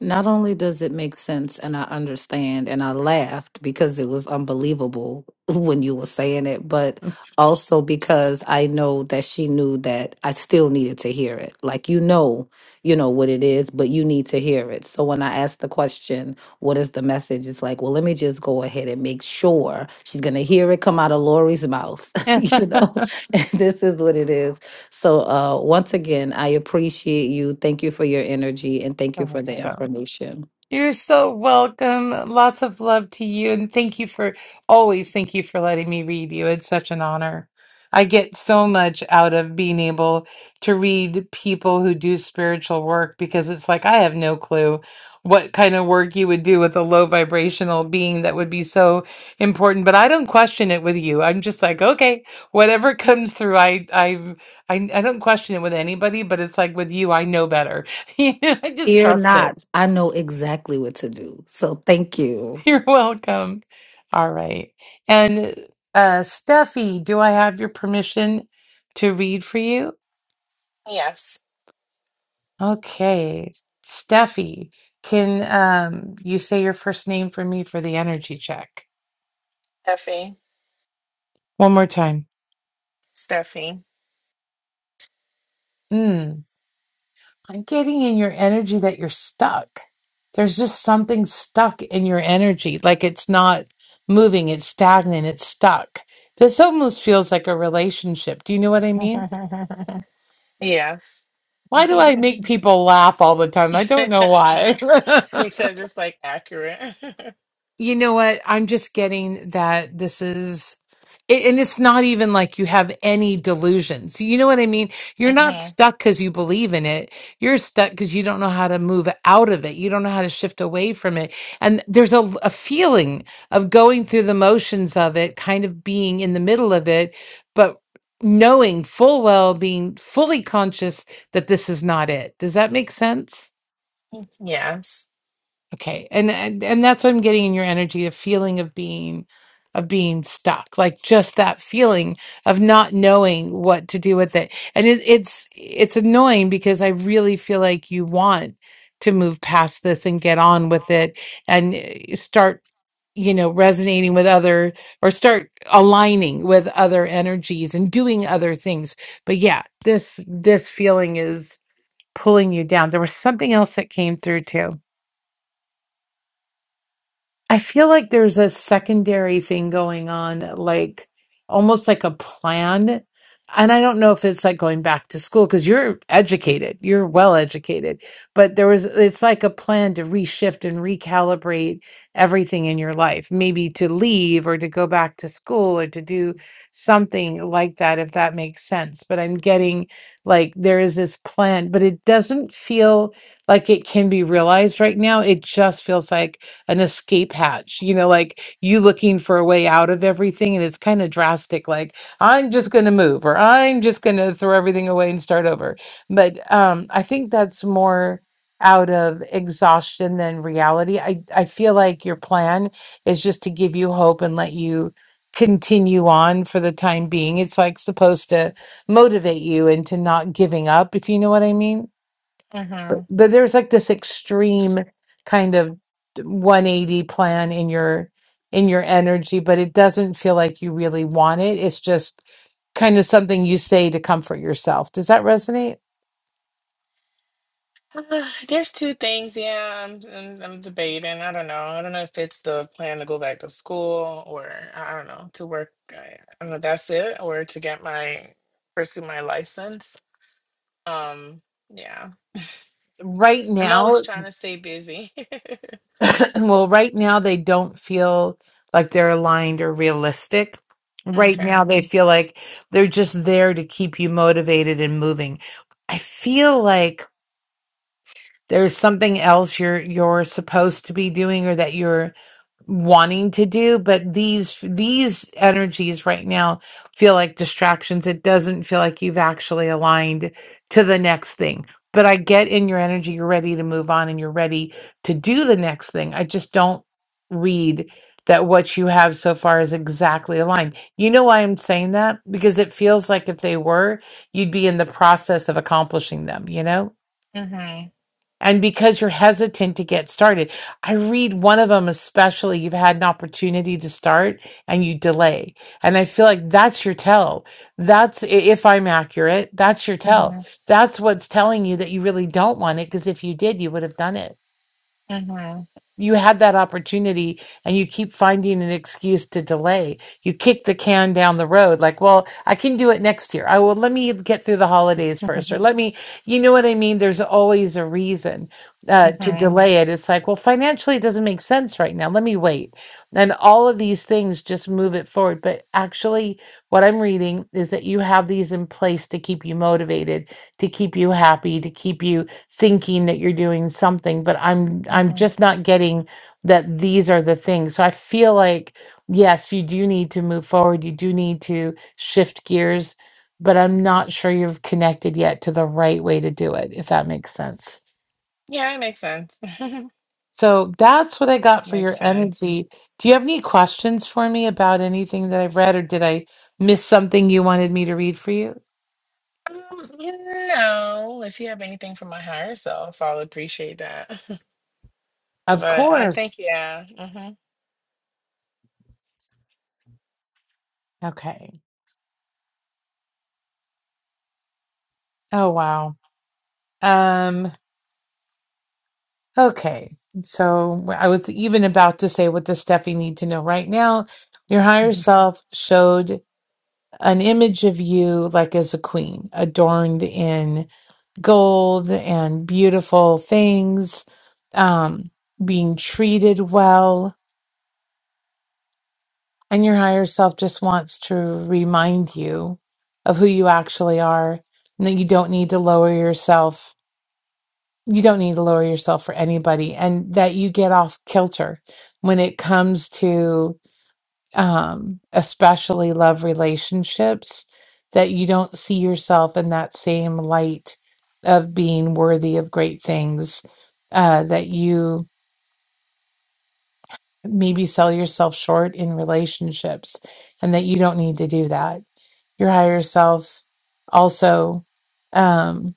Speaker 5: Not only does it make sense and I understand and I laughed because it was unbelievable when you were saying it, but also because I know that she knew that I still needed to hear it. Like you know, you know what it is, but you need to hear it. So when I asked the question, what is the message? It's like, well, let me just go ahead and make sure she's gonna hear it come out of Lori's mouth. you know, this is what it is. So, uh, once again, I appreciate you. Thank you for your energy and thank you
Speaker 1: Sorry.
Speaker 5: for the
Speaker 1: Okay.
Speaker 5: information.
Speaker 1: You're so welcome. Lots of love to you. And thank you for always, thank you for letting me read you. It's such an honor. I get so much out of being able to read people who do spiritual work because it's like I have no clue what kind of work you would do with a low vibrational being that would be so important. But I don't question it with you. I'm just like, okay, whatever comes through, I I I, I don't question it with anybody, but it's like with you, I know better. You know, I just
Speaker 5: Fear
Speaker 1: trust it.
Speaker 5: not, I know exactly what to do. So, thank you.
Speaker 1: You're welcome. All right. And uh Steffi, do I have your permission to read for you?
Speaker 2: Yes.
Speaker 1: Okay. Steffi, can um you say your first name for me for the energy check?
Speaker 2: Effie.
Speaker 1: One more time.
Speaker 2: Steffi.
Speaker 1: Mm, I'm getting in your energy that you're stuck. There's just something stuck in your energy, like it's not moving, it's stagnant, it's stuck. This almost feels like a relationship. Do you know what I mean?
Speaker 2: Yes.
Speaker 1: Why do I make people laugh all the time? I don't know why.
Speaker 2: Because it's like accurate.
Speaker 1: You know what? I'm just getting that this is, a- and it's not even like you have any delusions. You know what I mean? You're not
Speaker 2: hmm
Speaker 1: stuck because you believe in it. You're stuck because you don't know how to move out of it. You don't know how to shift away from it. And there's a, a feeling of going through the motions of it, kind of being in the middle of it, but knowing full well, being fully conscious that this is not it. Does that make sense?
Speaker 2: Yes.
Speaker 1: Okay. And, and and that's what I'm getting in your energy, a feeling of being of being stuck. Like just that feeling of not knowing what to do with it. And it, it's it's annoying because I really feel like you want to move past this and get on with it and eh, start you know resonating with other or start aligning with other energies and doing other things but yeah this this feeling is pulling you down there was something else that came through too I feel like there's a secondary thing going on, like almost like a plan. And I don't know if it's like going back to school because you're educated, you're well educated, but there was, it's like a plan to reshift and recalibrate everything in your life, maybe to leave or to go back to school or to do something like that, if that makes sense. But I'm getting like there is this plan, but it doesn't feel like it can be realized right now. It just feels like, an escape hatch, you know, like you looking for a way out of everything. And it's kind of drastic, like, I'm just going to move or I'm just going to throw everything away and start over. But um, I think that's more out of exhaustion than reality. I, I feel like your plan is just to give you hope and let you continue on for the time being. It's like supposed to motivate you into not giving up, if you know what I mean
Speaker 2: hmm
Speaker 1: but but there's like this extreme kind of 180 plan in your in your energy but it doesn't feel like you really want it it's just kind of something you say to comfort yourself does that resonate
Speaker 2: Uh, there's two things. Yeah, I'm, I'm I'm debating. I don't know. I don't know if it's the plan to go back to school or I don't know to work. I, I don't know. That's it, or to get my pursue my license. Um, yeah,
Speaker 1: right
Speaker 2: I'm
Speaker 1: now
Speaker 2: always trying to stay busy.
Speaker 1: well, right now they don't feel like they're aligned or realistic. Right
Speaker 2: Okay.
Speaker 1: now they feel like they're just there to keep you motivated and moving. I feel like there's something else you're you're supposed to be doing or that you're wanting to do but these these energies right now feel like distractions it doesn't feel like you've actually aligned to the next thing but i get in your energy you're ready to move on and you're ready to do the next thing i just don't read that what you have so far is exactly aligned you know why i'm saying that because it feels like if they were you'd be in the process of accomplishing them you know
Speaker 2: Mhm.
Speaker 1: and because you're hesitant to get started i read one of them especially you've had an opportunity to start and you delay and i feel like that's your tell that's i- if i'm accurate that's your tell
Speaker 2: Mhm.
Speaker 1: that's what's telling you that you really don't want it because if you did you would have done it
Speaker 2: Mhm.
Speaker 1: you had that opportunity and you keep finding an excuse to delay. You kick the can down the road like, well, I can do it next year. I will let me get through the holidays first or
Speaker 2: Mhm.
Speaker 1: let me, you know what I mean? There's always a reason uh, to
Speaker 2: Mhm.
Speaker 1: delay it. It's like, well, financially it doesn't make sense right now. Let me wait. And all of these things just move it forward. But actually, what I'm reading is that you have these in place to keep you motivated, to keep you happy, to keep you thinking that you're doing something but i'm i'm
Speaker 2: Mhm.
Speaker 1: just not getting that these are the things so i feel like yes you do need to move forward you do need to shift gears but i'm not sure you've connected yet to the right way to do it if that makes sense
Speaker 2: Yeah, it makes sense.
Speaker 1: so that's what i got for
Speaker 2: Makes
Speaker 1: your
Speaker 2: sense.
Speaker 1: energy do you have any questions for me about anything that i've read or did i miss something you wanted me to read for you
Speaker 2: Um, you know, if you have anything for my higher self, I'll appreciate that.
Speaker 1: of
Speaker 2: But I think,
Speaker 1: course
Speaker 2: yeah. Mm-hmm.
Speaker 1: okay oh wow um Okay, so well, I was even about to say what the step you need to know right now. Your higher self showed an image of you like as a queen, adorned in gold and beautiful things, um, being treated well. And your higher self just wants to remind you of who you actually are and that you don't need to lower yourself you don't need to lower yourself for anybody and that you get off kilter when it comes to um especially love relationships that you don't see yourself in that same light of being worthy of great things uh that you maybe sell yourself short in relationships and that you don't need to do that your higher self also um,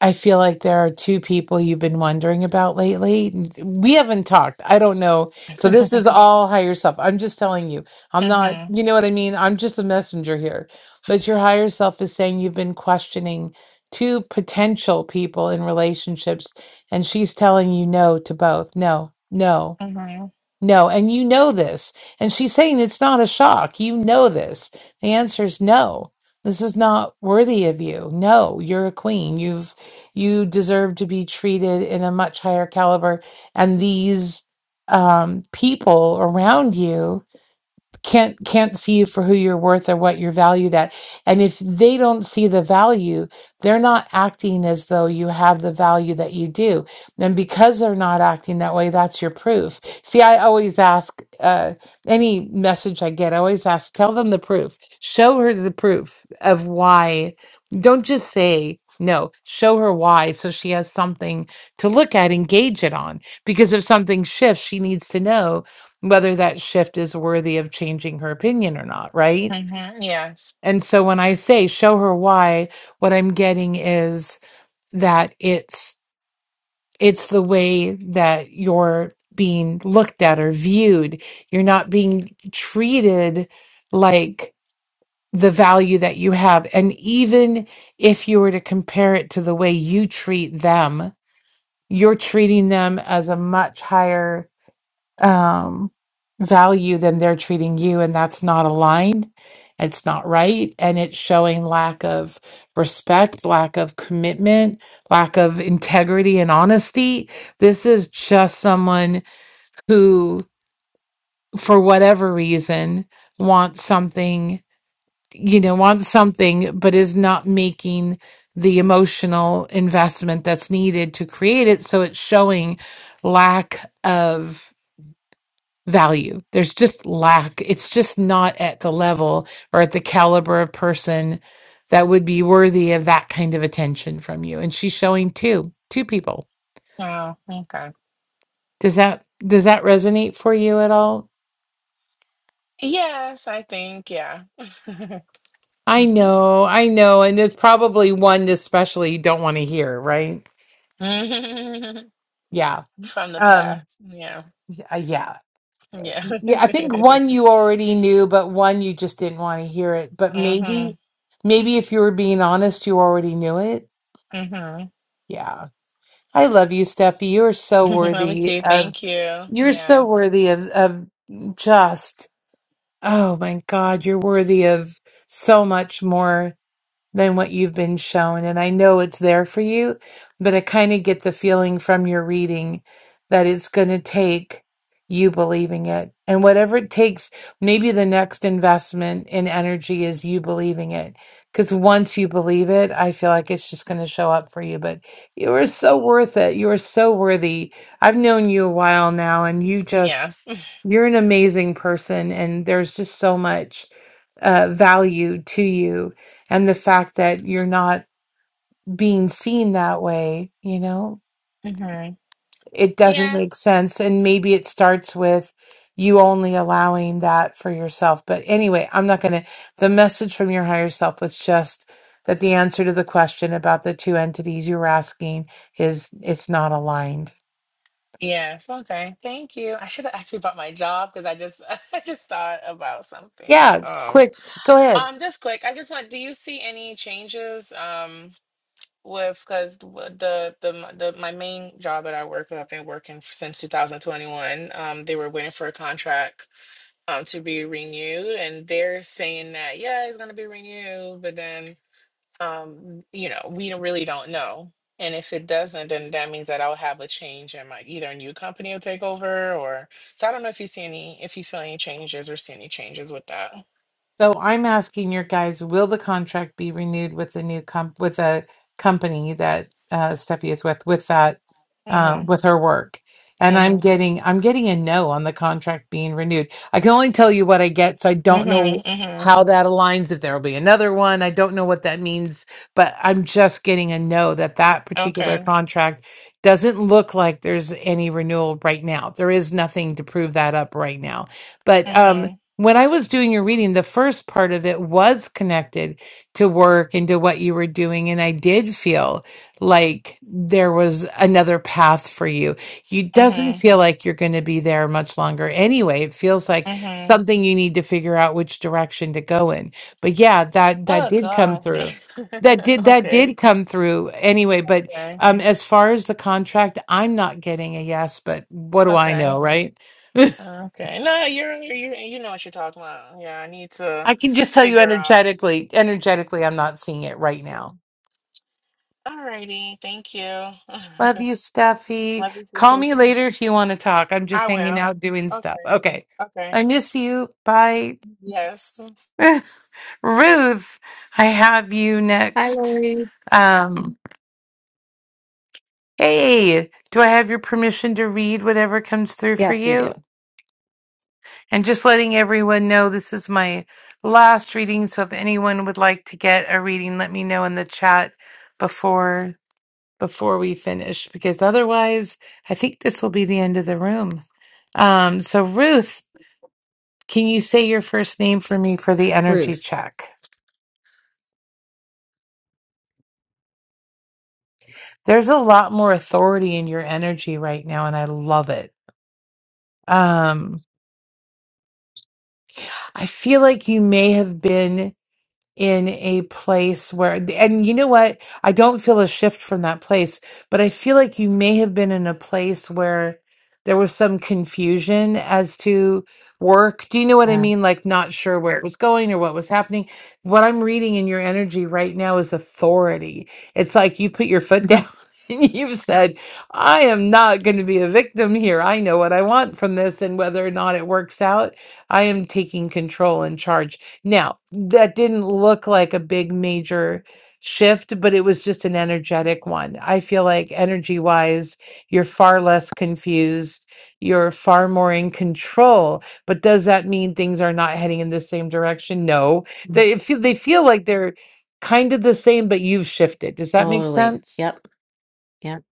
Speaker 1: I feel like there are two people you've been wondering about lately. We haven't talked. I don't know. So this is all higher self. I'm just telling you. I'm not,
Speaker 2: Mm-hmm.
Speaker 1: you know what I mean? I'm just a messenger here. But your higher self is saying you've been questioning two potential people in relationships, and she's telling you no to both. No, no.
Speaker 2: Mm-hmm.
Speaker 1: No, and you know this. And she's saying it's not a shock. You know this. The answer is no. This is not worthy of you. No, you're a queen. You've you deserve to be treated in a much higher caliber. And these um, people around you can't can't see you for who you're worth or what you're valued at and if they don't see the value they're not acting as though you have the value that you do and because they're not acting that way that's your proof see i always ask uh, any message i get i always ask tell them the proof show her the proof of why don't just say no show her why so she has something to look at engage it on because if something shifts she needs to know whether that shift is worthy of changing her opinion or not, right?
Speaker 2: Mm-hmm. Yes.
Speaker 1: And so when I say show her why, what I'm getting is that it's it's the way that you're being looked at or viewed. You're not being treated like the value that you have. And even if you were to compare it to the way you treat them, you're treating them as a much higher um, value than they're treating you, and that's not aligned. It's not right, and it's showing lack of respect, lack of commitment, lack of integrity and honesty. This is just someone who, for whatever reason, wants something, you know, wants something, but is not making the emotional investment that's needed to create it. So it's showing lack of value. There's just lack. It's just not at the level or at the caliber of person that would be worthy of that kind of attention from you. And she's showing two, two people.
Speaker 2: Oh, okay.
Speaker 1: Does that does that resonate for you at all?
Speaker 2: Yes, I think, yeah.
Speaker 1: I
Speaker 2: Mm-hmm.
Speaker 1: know, I know, and it's probably one especially you don't want to hear, right? Yeah.
Speaker 2: From the
Speaker 1: Um
Speaker 2: past. Yeah.
Speaker 1: y- yeah.
Speaker 2: Yeah.
Speaker 1: Yeah, I think one you already knew, but one you just didn't want to hear it. But
Speaker 2: mm-hmm.
Speaker 1: maybe maybe if you were being honest, you already knew it.
Speaker 2: Mm-hmm.
Speaker 1: Yeah. I love you, Steffi. You are so
Speaker 2: Love it
Speaker 1: worthy
Speaker 2: too.
Speaker 1: of
Speaker 2: Thank you.
Speaker 1: you're so
Speaker 2: Yes.
Speaker 1: worthy of of just oh my God, you're worthy of so much more than what you've been shown. And I know it's there for you, but I kind of get the feeling from your reading that it's going to take you believing it. And whatever it takes, maybe the next investment in energy is you believing it. Because once you believe it, I feel like it's just going to show up for you. But you are so worth it. You are so worthy. I've known you a while now, and you just,
Speaker 2: Yes.
Speaker 1: you're an amazing person. And there's just so much uh, value to you and the fact that you're not being seen that way, you know,
Speaker 2: Mm-hmm.
Speaker 1: it doesn't
Speaker 2: Yeah.
Speaker 1: make sense. And maybe it starts with you only allowing that for yourself. But anyway, I'm not going to. The message from your higher self was just that the answer to the question about the two entities you were asking is it's not aligned.
Speaker 2: Yes. Okay. Thank you. I should have actually bought my job because I just I just thought about something.
Speaker 1: Yeah,
Speaker 2: Um.
Speaker 1: quick, go ahead.
Speaker 2: Um. Just quick. I just want. Do you see any changes? Um. with because the, the the my main job that I work with, I've been working f- since 2021. Um, they were waiting for a contract um to be renewed, and they're saying that yeah, it's gonna be renewed, but then um you know we don't- really don't know. And if it doesn't, then that means that I'll have a change in my either a new company will take over or so. I don't know if you see any, if you feel any changes or see any changes with that.
Speaker 1: So I'm asking your guys, will the contract be renewed with the new comp with a company that uh, Steffi is with with that um,
Speaker 2: Mhm.
Speaker 1: with her work? And I'm
Speaker 2: Mhm.
Speaker 1: getting I'm getting a no on the contract being renewed. I can only tell you what I get, so I don't
Speaker 2: Mhm.
Speaker 1: know
Speaker 2: Mhm.
Speaker 1: how that aligns. If there will be another one, I don't know what that means. But I'm just getting a no that that particular
Speaker 2: Okay.
Speaker 1: contract doesn't look like there's any renewal right now. There is nothing to prove that up right now. But um,
Speaker 2: Mhm.
Speaker 1: when I was doing your reading, the first part of it was connected to work and to what you were doing. And I did feel like there was another path for you. You doesn't
Speaker 2: Mhm.
Speaker 1: feel like you're going to be there much longer anyway. It feels like
Speaker 2: Mhm.
Speaker 1: something you need to figure out which direction to go in. But yeah, that, that
Speaker 2: Oh
Speaker 1: did come
Speaker 2: gosh!
Speaker 1: through. That did that
Speaker 2: Okay.
Speaker 1: did come through anyway, but
Speaker 2: Okay.
Speaker 1: um, as far as the contract, I'm not getting a yes, but what do I
Speaker 2: Okay.
Speaker 1: know, right?
Speaker 2: Okay. No, you're you you know what you're talking about. Yeah, I need to
Speaker 1: I can just tell you
Speaker 2: figure out.
Speaker 1: energetically, energetically, I'm not seeing it right
Speaker 2: Okay.
Speaker 1: now.
Speaker 2: alrighty. Thank you.
Speaker 1: Love you, Steffi.
Speaker 2: Love you for
Speaker 1: Call me
Speaker 2: taking.
Speaker 1: later if you want to talk. I'm
Speaker 2: I
Speaker 1: just hanging
Speaker 2: will.
Speaker 1: out doing stuff.
Speaker 2: Okay.
Speaker 1: Okay.
Speaker 2: Okay.
Speaker 1: I miss you. Bye.
Speaker 2: Yes.
Speaker 1: Ruth, I have you
Speaker 7: Hi,
Speaker 1: next.
Speaker 7: Lori.
Speaker 1: Um, hey, do I have your permission to read whatever comes through for
Speaker 7: Yes,
Speaker 1: you? And just letting everyone know this is my last reading. So if anyone would like to get a reading, let me know in the chat before. before we finish because otherwise I think this will be the end of the room. Um, so, Ruth, can you say your first name for me for the energy check? There's a lot more authority in your energy right now, and I love it. Um, I feel like you may have been. in a place where, and you know what? I don't feel a shift from that place, but I feel like you may have been in a place where there was some confusion as to work. Do you know what I mean? Like, not sure where it was going or what was happening. What I'm reading in your energy right now is authority. It's like you put your foot down. And you've said, I am not going to be a victim here. I know what I want from this. And whether or not it works out, I am taking control and charge. Now, that didn't look like a big major shift, but it was just an energetic one. I feel like energy wise, you're far less confused. You're far more in control. But does that mean things are not heading in the same direction? No. They feel, they feel like they're kind of the same, but you've shifted. Does that make
Speaker 7: totally.
Speaker 1: sense?
Speaker 7: Yep, yep.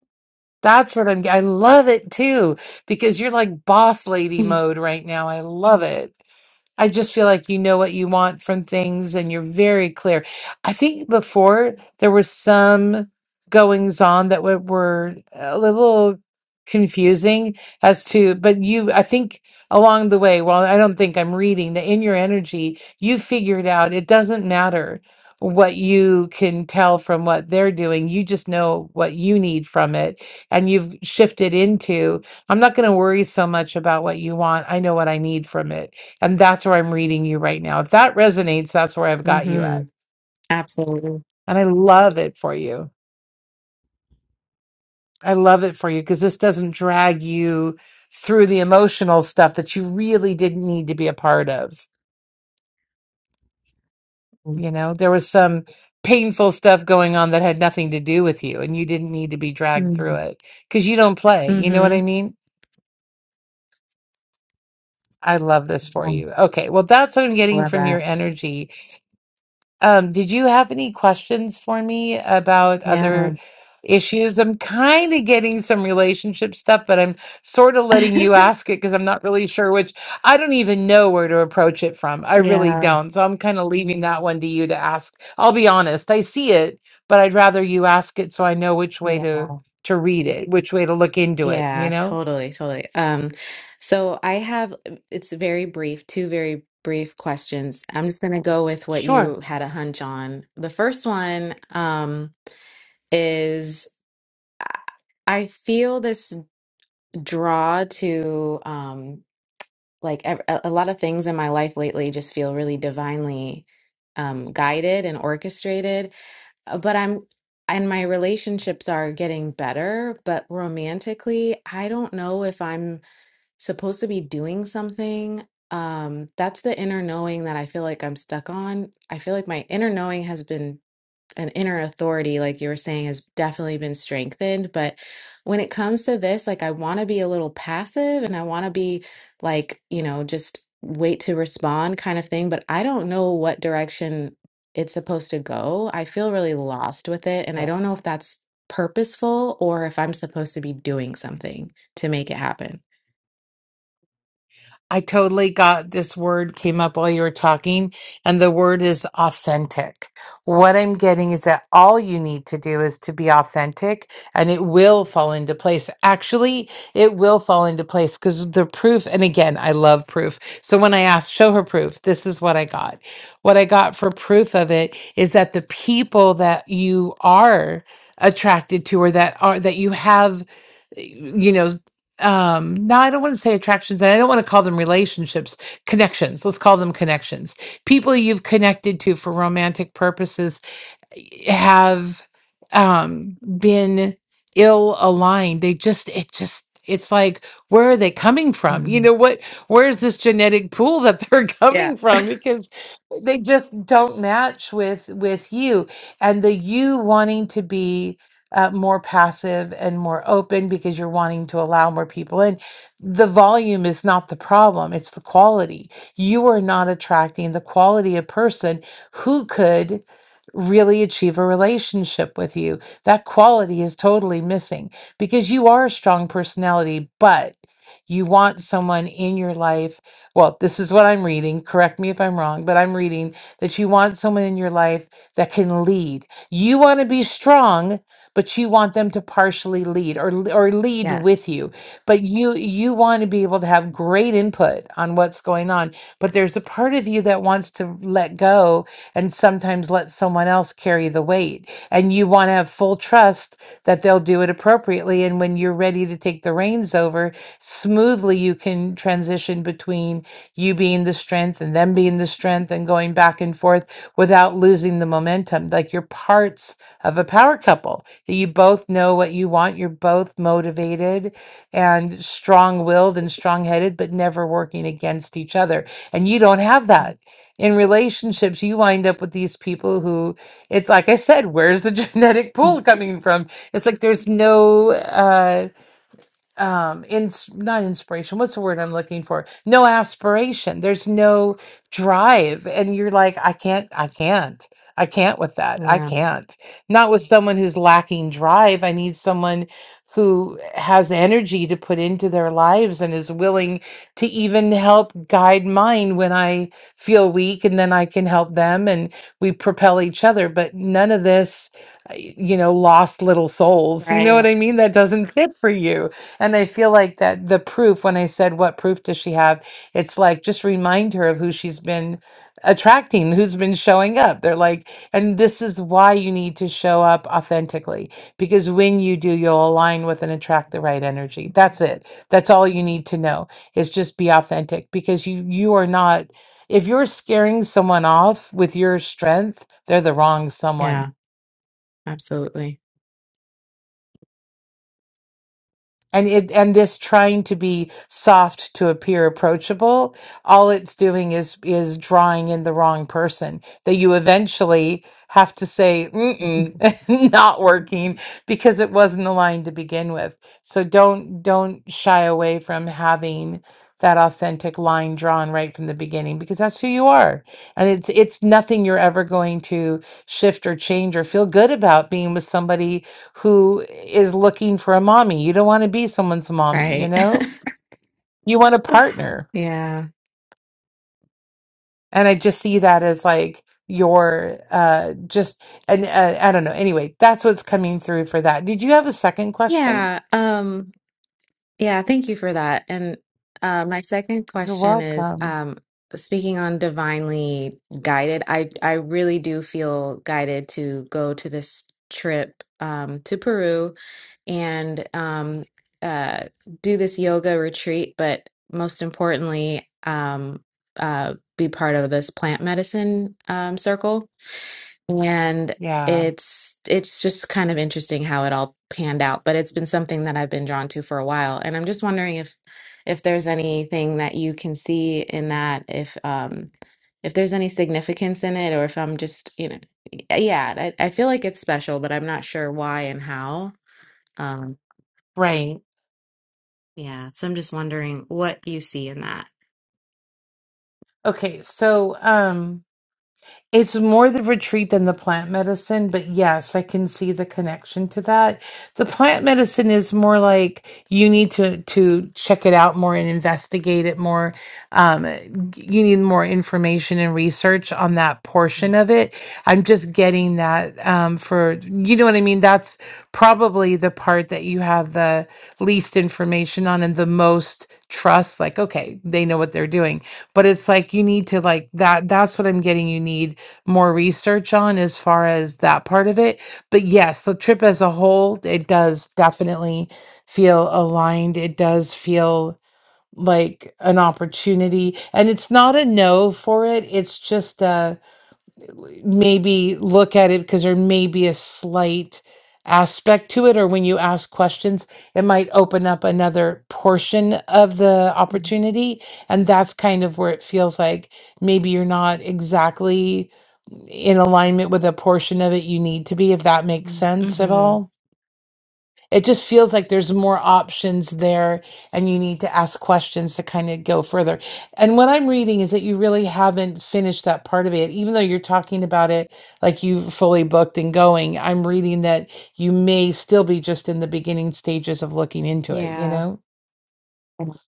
Speaker 1: That's what I'm, I love it too, because you're like boss lady mode right now. I love it. I just feel like you know what you want from things and you're very clear. I think before there were some goings on that were, were a little confusing as to, but you, I think along the way, well, I don't think I'm reading that in your energy, you figured out it doesn't matter what you can tell from what they're doing. You just know what you need from it. And you've shifted into, I'm not going to worry so much about what you want. I know what I need from it and that's where I'm reading you right now. If that resonates, that's where I've got you at.
Speaker 7: Mm-hmm. Absolutely.
Speaker 1: And I love it for you. I love it for you because this doesn't drag you through the emotional stuff that you really didn't need to be a part of. You know, there was some painful stuff going on that had nothing to do with you and you didn't need to be dragged through
Speaker 7: Mm-hmm.
Speaker 1: it because you don't play. You know what
Speaker 7: Mm-hmm.
Speaker 1: I mean? I love this for you.
Speaker 7: I
Speaker 1: Okay. Well, that's what I'm getting
Speaker 7: love
Speaker 1: from your
Speaker 7: that.
Speaker 1: energy Um, did you have any questions for me about
Speaker 7: Yeah.
Speaker 1: other issues? I'm kind of getting some relationship stuff, but I'm sort of letting you ask it because I'm not really sure which, I don't even know where to approach it from. I really
Speaker 7: Yeah.
Speaker 1: don't. So I'm kind of leaving that one to you to ask. I'll be honest, I see it, but I'd rather you ask it so I know which way
Speaker 7: Yeah.
Speaker 1: to to read it, which way to look into it, you
Speaker 7: Yeah,
Speaker 1: know?
Speaker 7: totally, totally. Um, so I have uh, it's very brief, two very brief questions. I'm just gonna go with what
Speaker 1: Sure.
Speaker 7: you had a hunch on. The first one, um, is I I feel this draw to um like ev- a, a lot of things in my life lately just feel really divinely um, guided and orchestrated. Uh, But I'm, and my relationships are getting better. But romantically, I don't know if I'm supposed to be doing something. Um, that's the inner knowing that I feel like I'm stuck on. I feel like my inner knowing has been an inner authority, like you were saying, has definitely been strengthened. But when it comes to this, like I want to be a little passive and I want to be like, you know, just wait to respond kind of thing. But I don't know what direction it's supposed to go. I feel really lost with it. And I don't know if that's purposeful or if I'm supposed to be doing something to make it happen.
Speaker 1: I totally got this word came up while you were talking, and the word is authentic. What I'm getting is that all you need to do is to be authentic, and it will fall into place. Actually, it will fall into place because the proof, and again, I love proof. So when I asked, show her proof, this is what I got. What I got for proof of it is that the people that you are attracted to or that are that you have you know um no i don't want to say attractions and i don't want to call them relationships connections let's call them connections people you've connected to for romantic purposes have um been ill aligned they just it just it's like where are they coming from you know
Speaker 7: Mhm.
Speaker 1: what where's this genetic pool that they're
Speaker 7: Yeah.
Speaker 1: coming from because they just don't match with with you and the you wanting to be uh, more passive and more open because you're wanting to allow more people in the volume is not the problem it's the quality you are not attracting the quality of person who could really achieve a relationship with you. That quality is totally missing because you are a strong personality, but you want someone in your life. Well, this is what I'm reading. Correct me if I'm wrong, but I'm reading that you want someone in your life that can lead. You want to be strong, but you want them to partially lead or or lead
Speaker 7: Yes.
Speaker 1: with you. But you you want to be able to have great input on what's going on, but there's a part of you that wants to let go and sometimes let someone else carry the weight. And you want to have full trust that they'll do it appropriately. And when you're ready to take the reins over, smoothly you can transition between you being the strength and them being the strength and going back and forth without losing the momentum. Like you're parts of a power couple that you both know what you want, you're both motivated and strong willed and strong headed, but never working against each other. And you don't have that in relationships, you wind up with these people who, it's like I said, where's the genetic pool coming from? It's like there's no uh, um in not inspiration what's the word i'm looking for no aspiration there's no drive and you're like i can't i can't i can't with that i
Speaker 7: Yeah.
Speaker 1: can't not with someone who's lacking drive i need someone who has energy to put into their lives and is willing to even help guide mine when i feel weak and then i can help them and we propel each other but none of this uh, y- you know lost little souls you know
Speaker 7: Right.
Speaker 1: what i mean that doesn't fit for you and I feel like that the proof, when I said, What proof does she have? It's like, just remind her of who she's been attracting, who's been showing up. They're like, and this is why you need to show up authentically, because when you do, you'll align with and attract the right energy. That's it. That's all you need to know is just be authentic because you, you are not, if you're scaring someone off with your strength, they're the wrong someone
Speaker 7: Yeah, absolutely.
Speaker 1: And it and this trying to be soft to appear approachable, all it's doing is is drawing in the wrong person that you eventually have to say, Mm-mm, not working because it wasn't aligned to begin with. So don't don't shy away from having that authentic line drawn right from the beginning because that's who you are. And it's it's nothing you're ever going to shift or change or feel good about being with somebody who is looking for a mommy. You don't want to be someone's mommy, you
Speaker 7: Right.
Speaker 1: know? You want a partner.
Speaker 7: Yeah.
Speaker 1: And I just see that as like your uh just and uh, I don't know. Anyway, that's what's coming through for that. Did you have a second question?
Speaker 7: Yeah. Um, Yeah, thank you for that. And uh, my second
Speaker 1: You're
Speaker 7: question is
Speaker 1: welcome.
Speaker 7: um, speaking on divinely guided, I, I really do feel guided to go to this trip um, to Peru and um, uh, do this yoga retreat, but most importantly, um, uh, be part of this plant medicine um, circle and
Speaker 1: Yeah,
Speaker 7: it's it's just kind of interesting how it all panned out but it's been something that i've been drawn to for a while and i'm just wondering if if there's anything that you can see in that if um if there's any significance in it or if i'm just you know y- yeah i, I feel like it's special but i'm not sure why and how um
Speaker 1: right.
Speaker 7: yeah so i'm just wondering what you see in that
Speaker 1: Okay, so um It's more the retreat than the plant medicine, but yes, I can see the connection to that. The plant medicine is more like you need to to check it out more and investigate it more. Um, you need more information and research on that portion of it. I'm just getting that um, for you know what I mean. That's probably the part that you have the least information on and the most trust. Like, okay, they know what they're doing but it's like you need to like that that's what i'm getting you need more research on as far as that part of it but yes the trip as a whole it does definitely feel aligned it does feel like an opportunity and it's not a no for it it's just a maybe look at it because there may be a slight aspect to it or when you ask questions it might open up another portion of the
Speaker 7: Mm-hmm.
Speaker 1: opportunity and that's kind of where it feels like maybe you're not exactly in alignment with a portion of it you need to be if that makes sense at
Speaker 7: hmm
Speaker 1: all it just feels like there's more options there, and you need to ask questions to kind of go further. And what I'm reading is that you really haven't finished that part of it, even though you're talking about it like you've fully booked and going. I'm reading that you may still be just in the beginning stages of looking into it, you
Speaker 7: Yeah.
Speaker 1: know?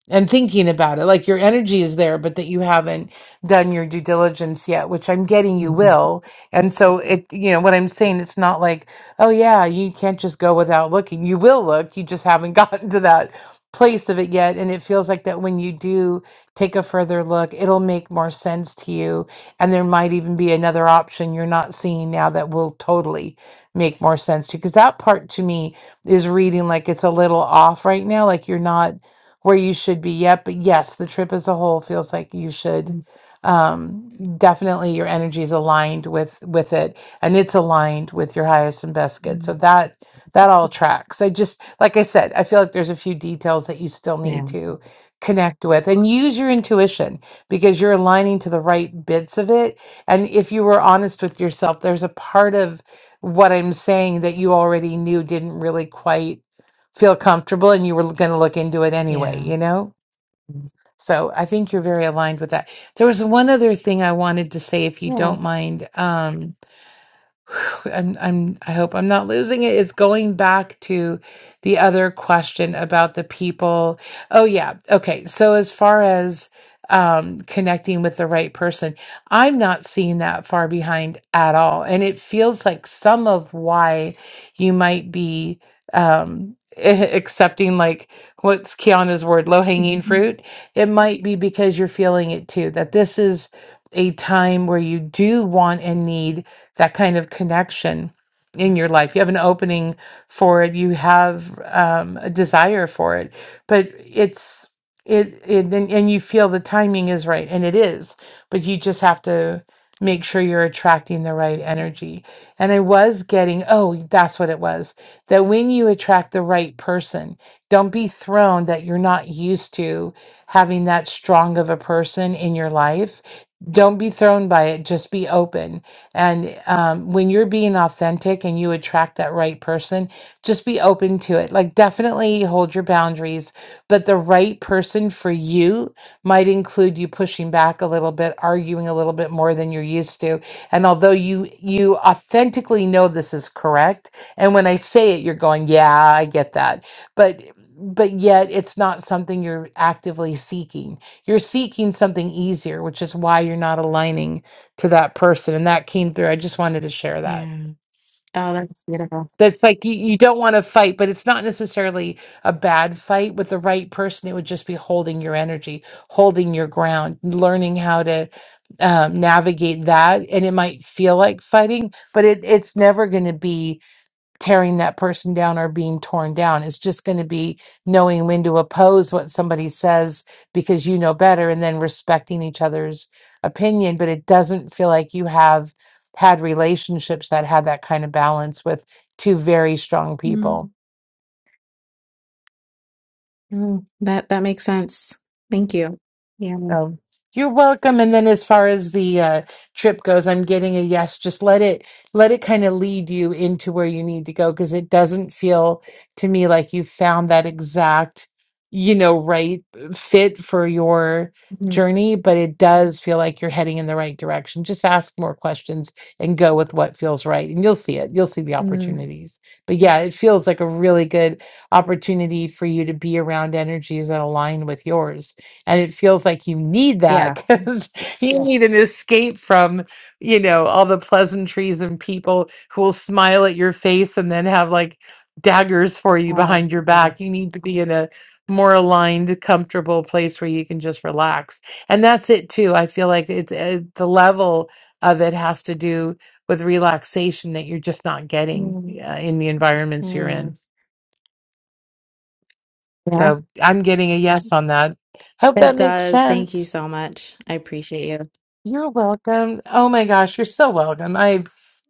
Speaker 1: and thinking about it. Like your energy is there, but that you haven't done your due diligence yet, which I'm getting you
Speaker 7: Mhm.
Speaker 1: will. And so it, you know, what I'm saying, it's not like, oh yeah, you can't just go without looking. You will look, you just haven't gotten to that place of it yet. And it feels like that when you do take a further look, it'll make more sense to you. And there might even be another option you're not seeing now that will totally make more sense to you. Cause that part to me is reading like it's a little off right now. Like you're not where you should be yet. But yes, the trip as a whole feels like you should
Speaker 7: Mhm.
Speaker 1: um definitely your energy is aligned with with it and it's aligned with your highest and best good so that that all tracks i just like i said i feel like there's a few details that you still need
Speaker 7: Yeah.
Speaker 1: to connect with and use your intuition because you're aligning to the right bits of it and if you were honest with yourself there's a part of what i'm saying that you already knew didn't really quite feel comfortable and you were going to look into it anyway,
Speaker 7: Yeah.
Speaker 1: you know? So I think you're very aligned with that. There was one other thing I wanted to say, if you
Speaker 7: Yeah.
Speaker 1: don't mind. Um, Whew, I'm I'm I hope I'm not losing it. It's going back to the other question about the people. Oh yeah. Okay. So as far as um connecting with the right person, I'm not seeing that far behind at all. And it feels like some of why you might be um accepting like what's Kiana's word, low-hanging
Speaker 7: Mhm.
Speaker 1: fruit. It might be because you're feeling it too, that this is a time where you do want and need that kind of connection in your life. You have an opening for it. You have um, a desire for it, but it's it, it and, and you feel the timing is right, and it is. But you just have to make sure you're attracting the right energy. And I was getting oh, that's what it was. That when you attract the right person, don't be thrown that you're not used to having that strong of a person in your life. Don't be thrown by it. Just be open and um, when you're being authentic and you attract that right person, just be open to it. Like, definitely hold your boundaries, but the right person for you might include you pushing back a little bit, arguing a little bit more than you're used to. And although you you authentically know this is correct, and when I say it, you're going, "Yeah, I get that," but but yet it's not something you're actively seeking. You're seeking something easier, which is why you're not aligning to that person and that came through i just wanted to share that
Speaker 7: Yeah. Oh, that's beautiful.
Speaker 1: that's like you, you don't want to fight but it's not necessarily a bad fight with the right person it would just be holding your energy holding your ground learning how to um, navigate that and it might feel like fighting but it, it's never going to be tearing that person down or being torn down. It's just going to be knowing when to oppose what somebody says because you know better and then respecting each other's opinion. But it doesn't feel like you have had relationships that had that kind of balance with two very strong people.
Speaker 7: Mm. Mm. That that makes sense. Thank you. Yeah.
Speaker 1: So you're welcome. And then as far as the uh, trip goes, I'm getting a yes. Just let it let it kind of lead you into where you need to go because it doesn't feel to me like you found that exact, you know, right fit for your
Speaker 7: Mm.
Speaker 1: journey, but it does feel like you're heading in the right direction. Just ask more questions and go with what feels right. And you'll see it. You'll see the
Speaker 7: Mm.
Speaker 1: opportunities. But yeah, it feels like a really good opportunity for you to be around energies that align with yours and it feels like you need that
Speaker 7: Yeah.
Speaker 1: because you Yes. need an escape from you know all the pleasantries and people who will smile at your face and then have like daggers for you
Speaker 7: Oh,
Speaker 1: behind your
Speaker 7: yeah.
Speaker 1: back you need to be in a more aligned comfortable place where you can just relax and that's it too i feel like it's uh, the level of it has to do with relaxation that you're just not getting uh, in the environments you're
Speaker 7: Mm.
Speaker 1: in
Speaker 7: Yeah,
Speaker 1: so i'm getting a yes on that hope that
Speaker 7: it
Speaker 1: makes
Speaker 7: does. Thank you
Speaker 1: sense
Speaker 7: so much. I appreciate you.
Speaker 1: You're welcome. Oh my gosh, you're so welcome. I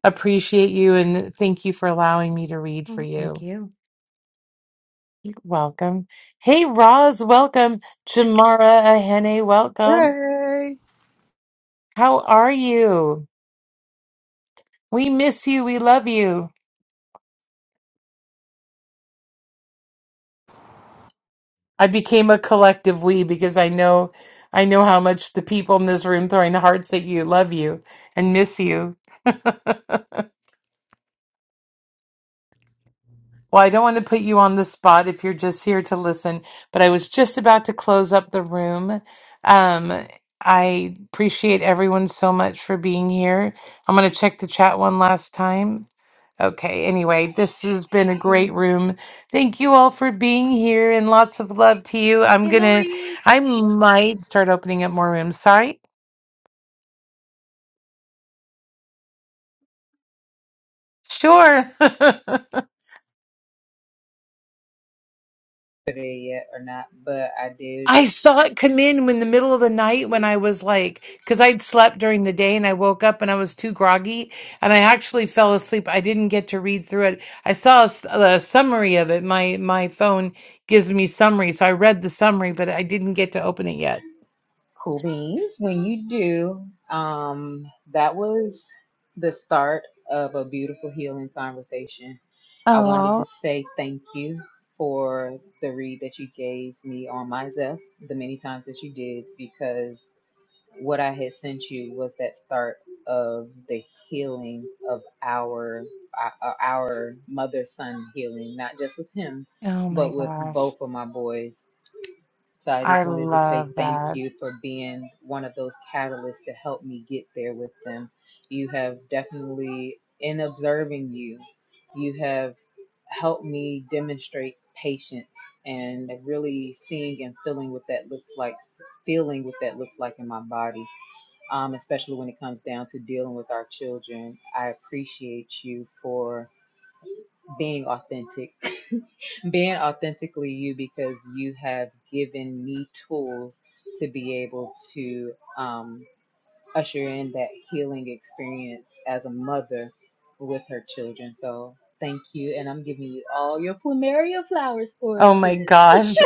Speaker 1: appreciate you and thank you for allowing me to read for
Speaker 7: Well, thank
Speaker 1: you.
Speaker 7: you.
Speaker 1: welcome. Hey, Roz, welcome. Jamara Ahene, welcome.
Speaker 8: Hey.
Speaker 1: How are you? We miss you. We love you. I became a collective we because I know I know how much the people in this room throwing the hearts at you love you and miss you. Well, I don't want to put you on the spot if you're just here to listen, but I was just about to close up the room. Um, I appreciate everyone so much for being here. I'm going to check the chat one last time. Okay, anyway, this has been a
Speaker 4: hey,
Speaker 1: great room. Thank you all for being here and lots of love to you. I'm
Speaker 4: hey
Speaker 1: going to,
Speaker 4: lori
Speaker 1: I might start opening up more rooms. Sorry. Sure.
Speaker 4: Today yet or not, but I did
Speaker 1: I saw it come in in the middle of the night when I was like, because I'd slept during the day and I woke up and I was too groggy and I actually fell asleep. I didn't get to read through it. I saw a, s- a summary of it. My my phone gives me summary, so I read the summary, but I didn't get to open it yet.
Speaker 4: cool beans. When you do, um, that was the start of a beautiful healing conversation. I wanted
Speaker 1: Oh,
Speaker 4: to say thank you for the read that you gave me on myself, the many times that you did, because. what I had sent you was that start of the healing of our our our mother son healing, not just with him,
Speaker 1: oh
Speaker 4: but
Speaker 1: my
Speaker 4: with
Speaker 1: gosh,
Speaker 4: both of my boys. So I
Speaker 1: I
Speaker 4: just wanted to say
Speaker 1: love
Speaker 4: thank
Speaker 1: that.
Speaker 4: you for being one of those catalysts to help me get there with them. You have definitely, in observing you, you have helped me demonstrate patience and really seeing and feeling what that looks like, feeling what that looks like in my body um, especially when it comes down to dealing with our children. I appreciate you for being authentic, being authentically you, because you have given me tools to be able to um, usher in that healing experience as a mother with her children. So thank you. And I'm giving you all your plumeria flowers for it,
Speaker 1: Oh my
Speaker 4: sis.
Speaker 1: gosh,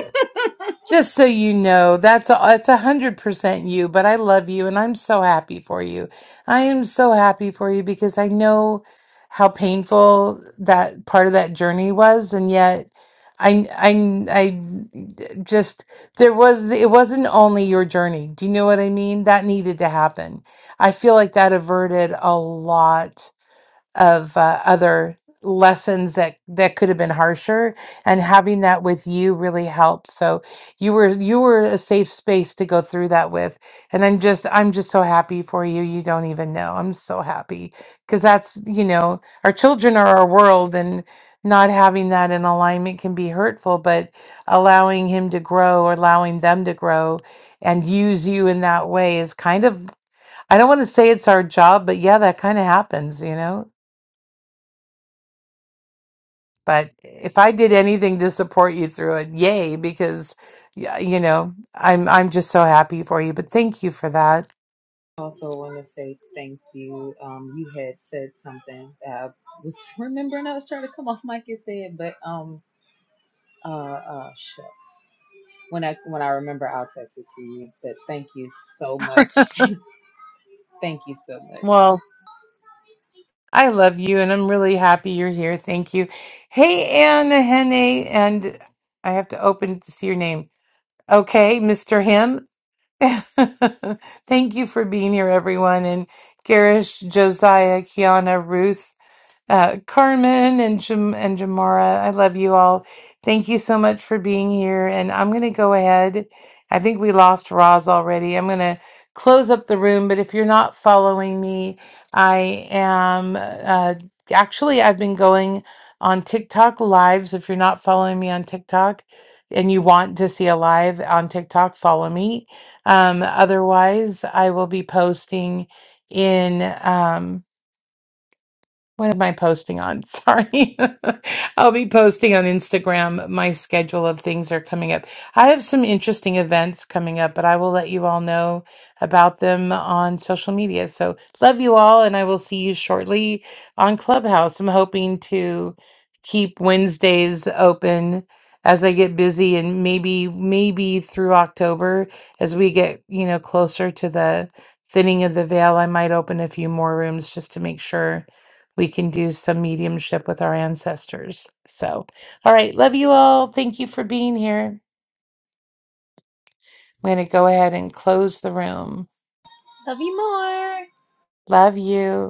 Speaker 1: Just so you know, that's a, it's a hundred percent you, but I love you and I'm so happy for you. I am so happy for you because I know how painful that part of that journey was, and yet I I I just there was it wasn't only your journey. Do you know what I mean? That needed to happen. I feel like that averted a lot of uh, other lessons that that could have been harsher and having that with you really helped so you were you were a safe space to go through that with and i'm just i'm just so happy for you you don't even know i'm so happy because that's you know our children are our world and not having that in alignment can be hurtful but allowing him to grow or allowing them to grow and use you in that way is kind of i don't want to say it's our job but yeah that kind of happens you know But if I did anything to support you through it, yay, because y- you know, I'm I'm just so happy for you. But thank you for that.
Speaker 4: also want to say thank you. Um, you had said something that I was remembering. I was trying to come off mic and say it, but um, uh, uh, shucks. When I when I remember, I'll text it to you. But thank you so much. thank you so much.
Speaker 1: Well, I love you and I'm really happy you're here. Thank you. Hey, Anna Henne, and I have to open to see your name. Okay, Mr. Him. Thank you for being here, everyone. And Garish, Josiah, Kiana, Ruth, uh, Carmen and Jam- and Jamara. I love you all. Thank you so much for being here. And I'm gonna go ahead. I think we lost Roz already. I'm gonna close up the room. But if you're not following me, I am. Uh, actually, I've been going on TikTok lives. If you're not following me on TikTok. And you want to see a live on TikTok, follow me. Um, otherwise, I will be posting in. Um, what am I posting on? Sorry. I'll be posting on Instagram. My schedule of things are coming up. I have some interesting events coming up, but I will let you all know about them on social media. So love you all, and I will see you shortly on Clubhouse. I'm hoping to keep Wednesdays open as I get busy and maybe, maybe through October as we get, you know, closer to the thinning of the veil, I might open a few more rooms just to make sure we can do some mediumship with our ancestors. So, all right. Love you all. Thank you for being here. I'm going to go ahead and close the room.
Speaker 4: Love you more.
Speaker 1: Love you.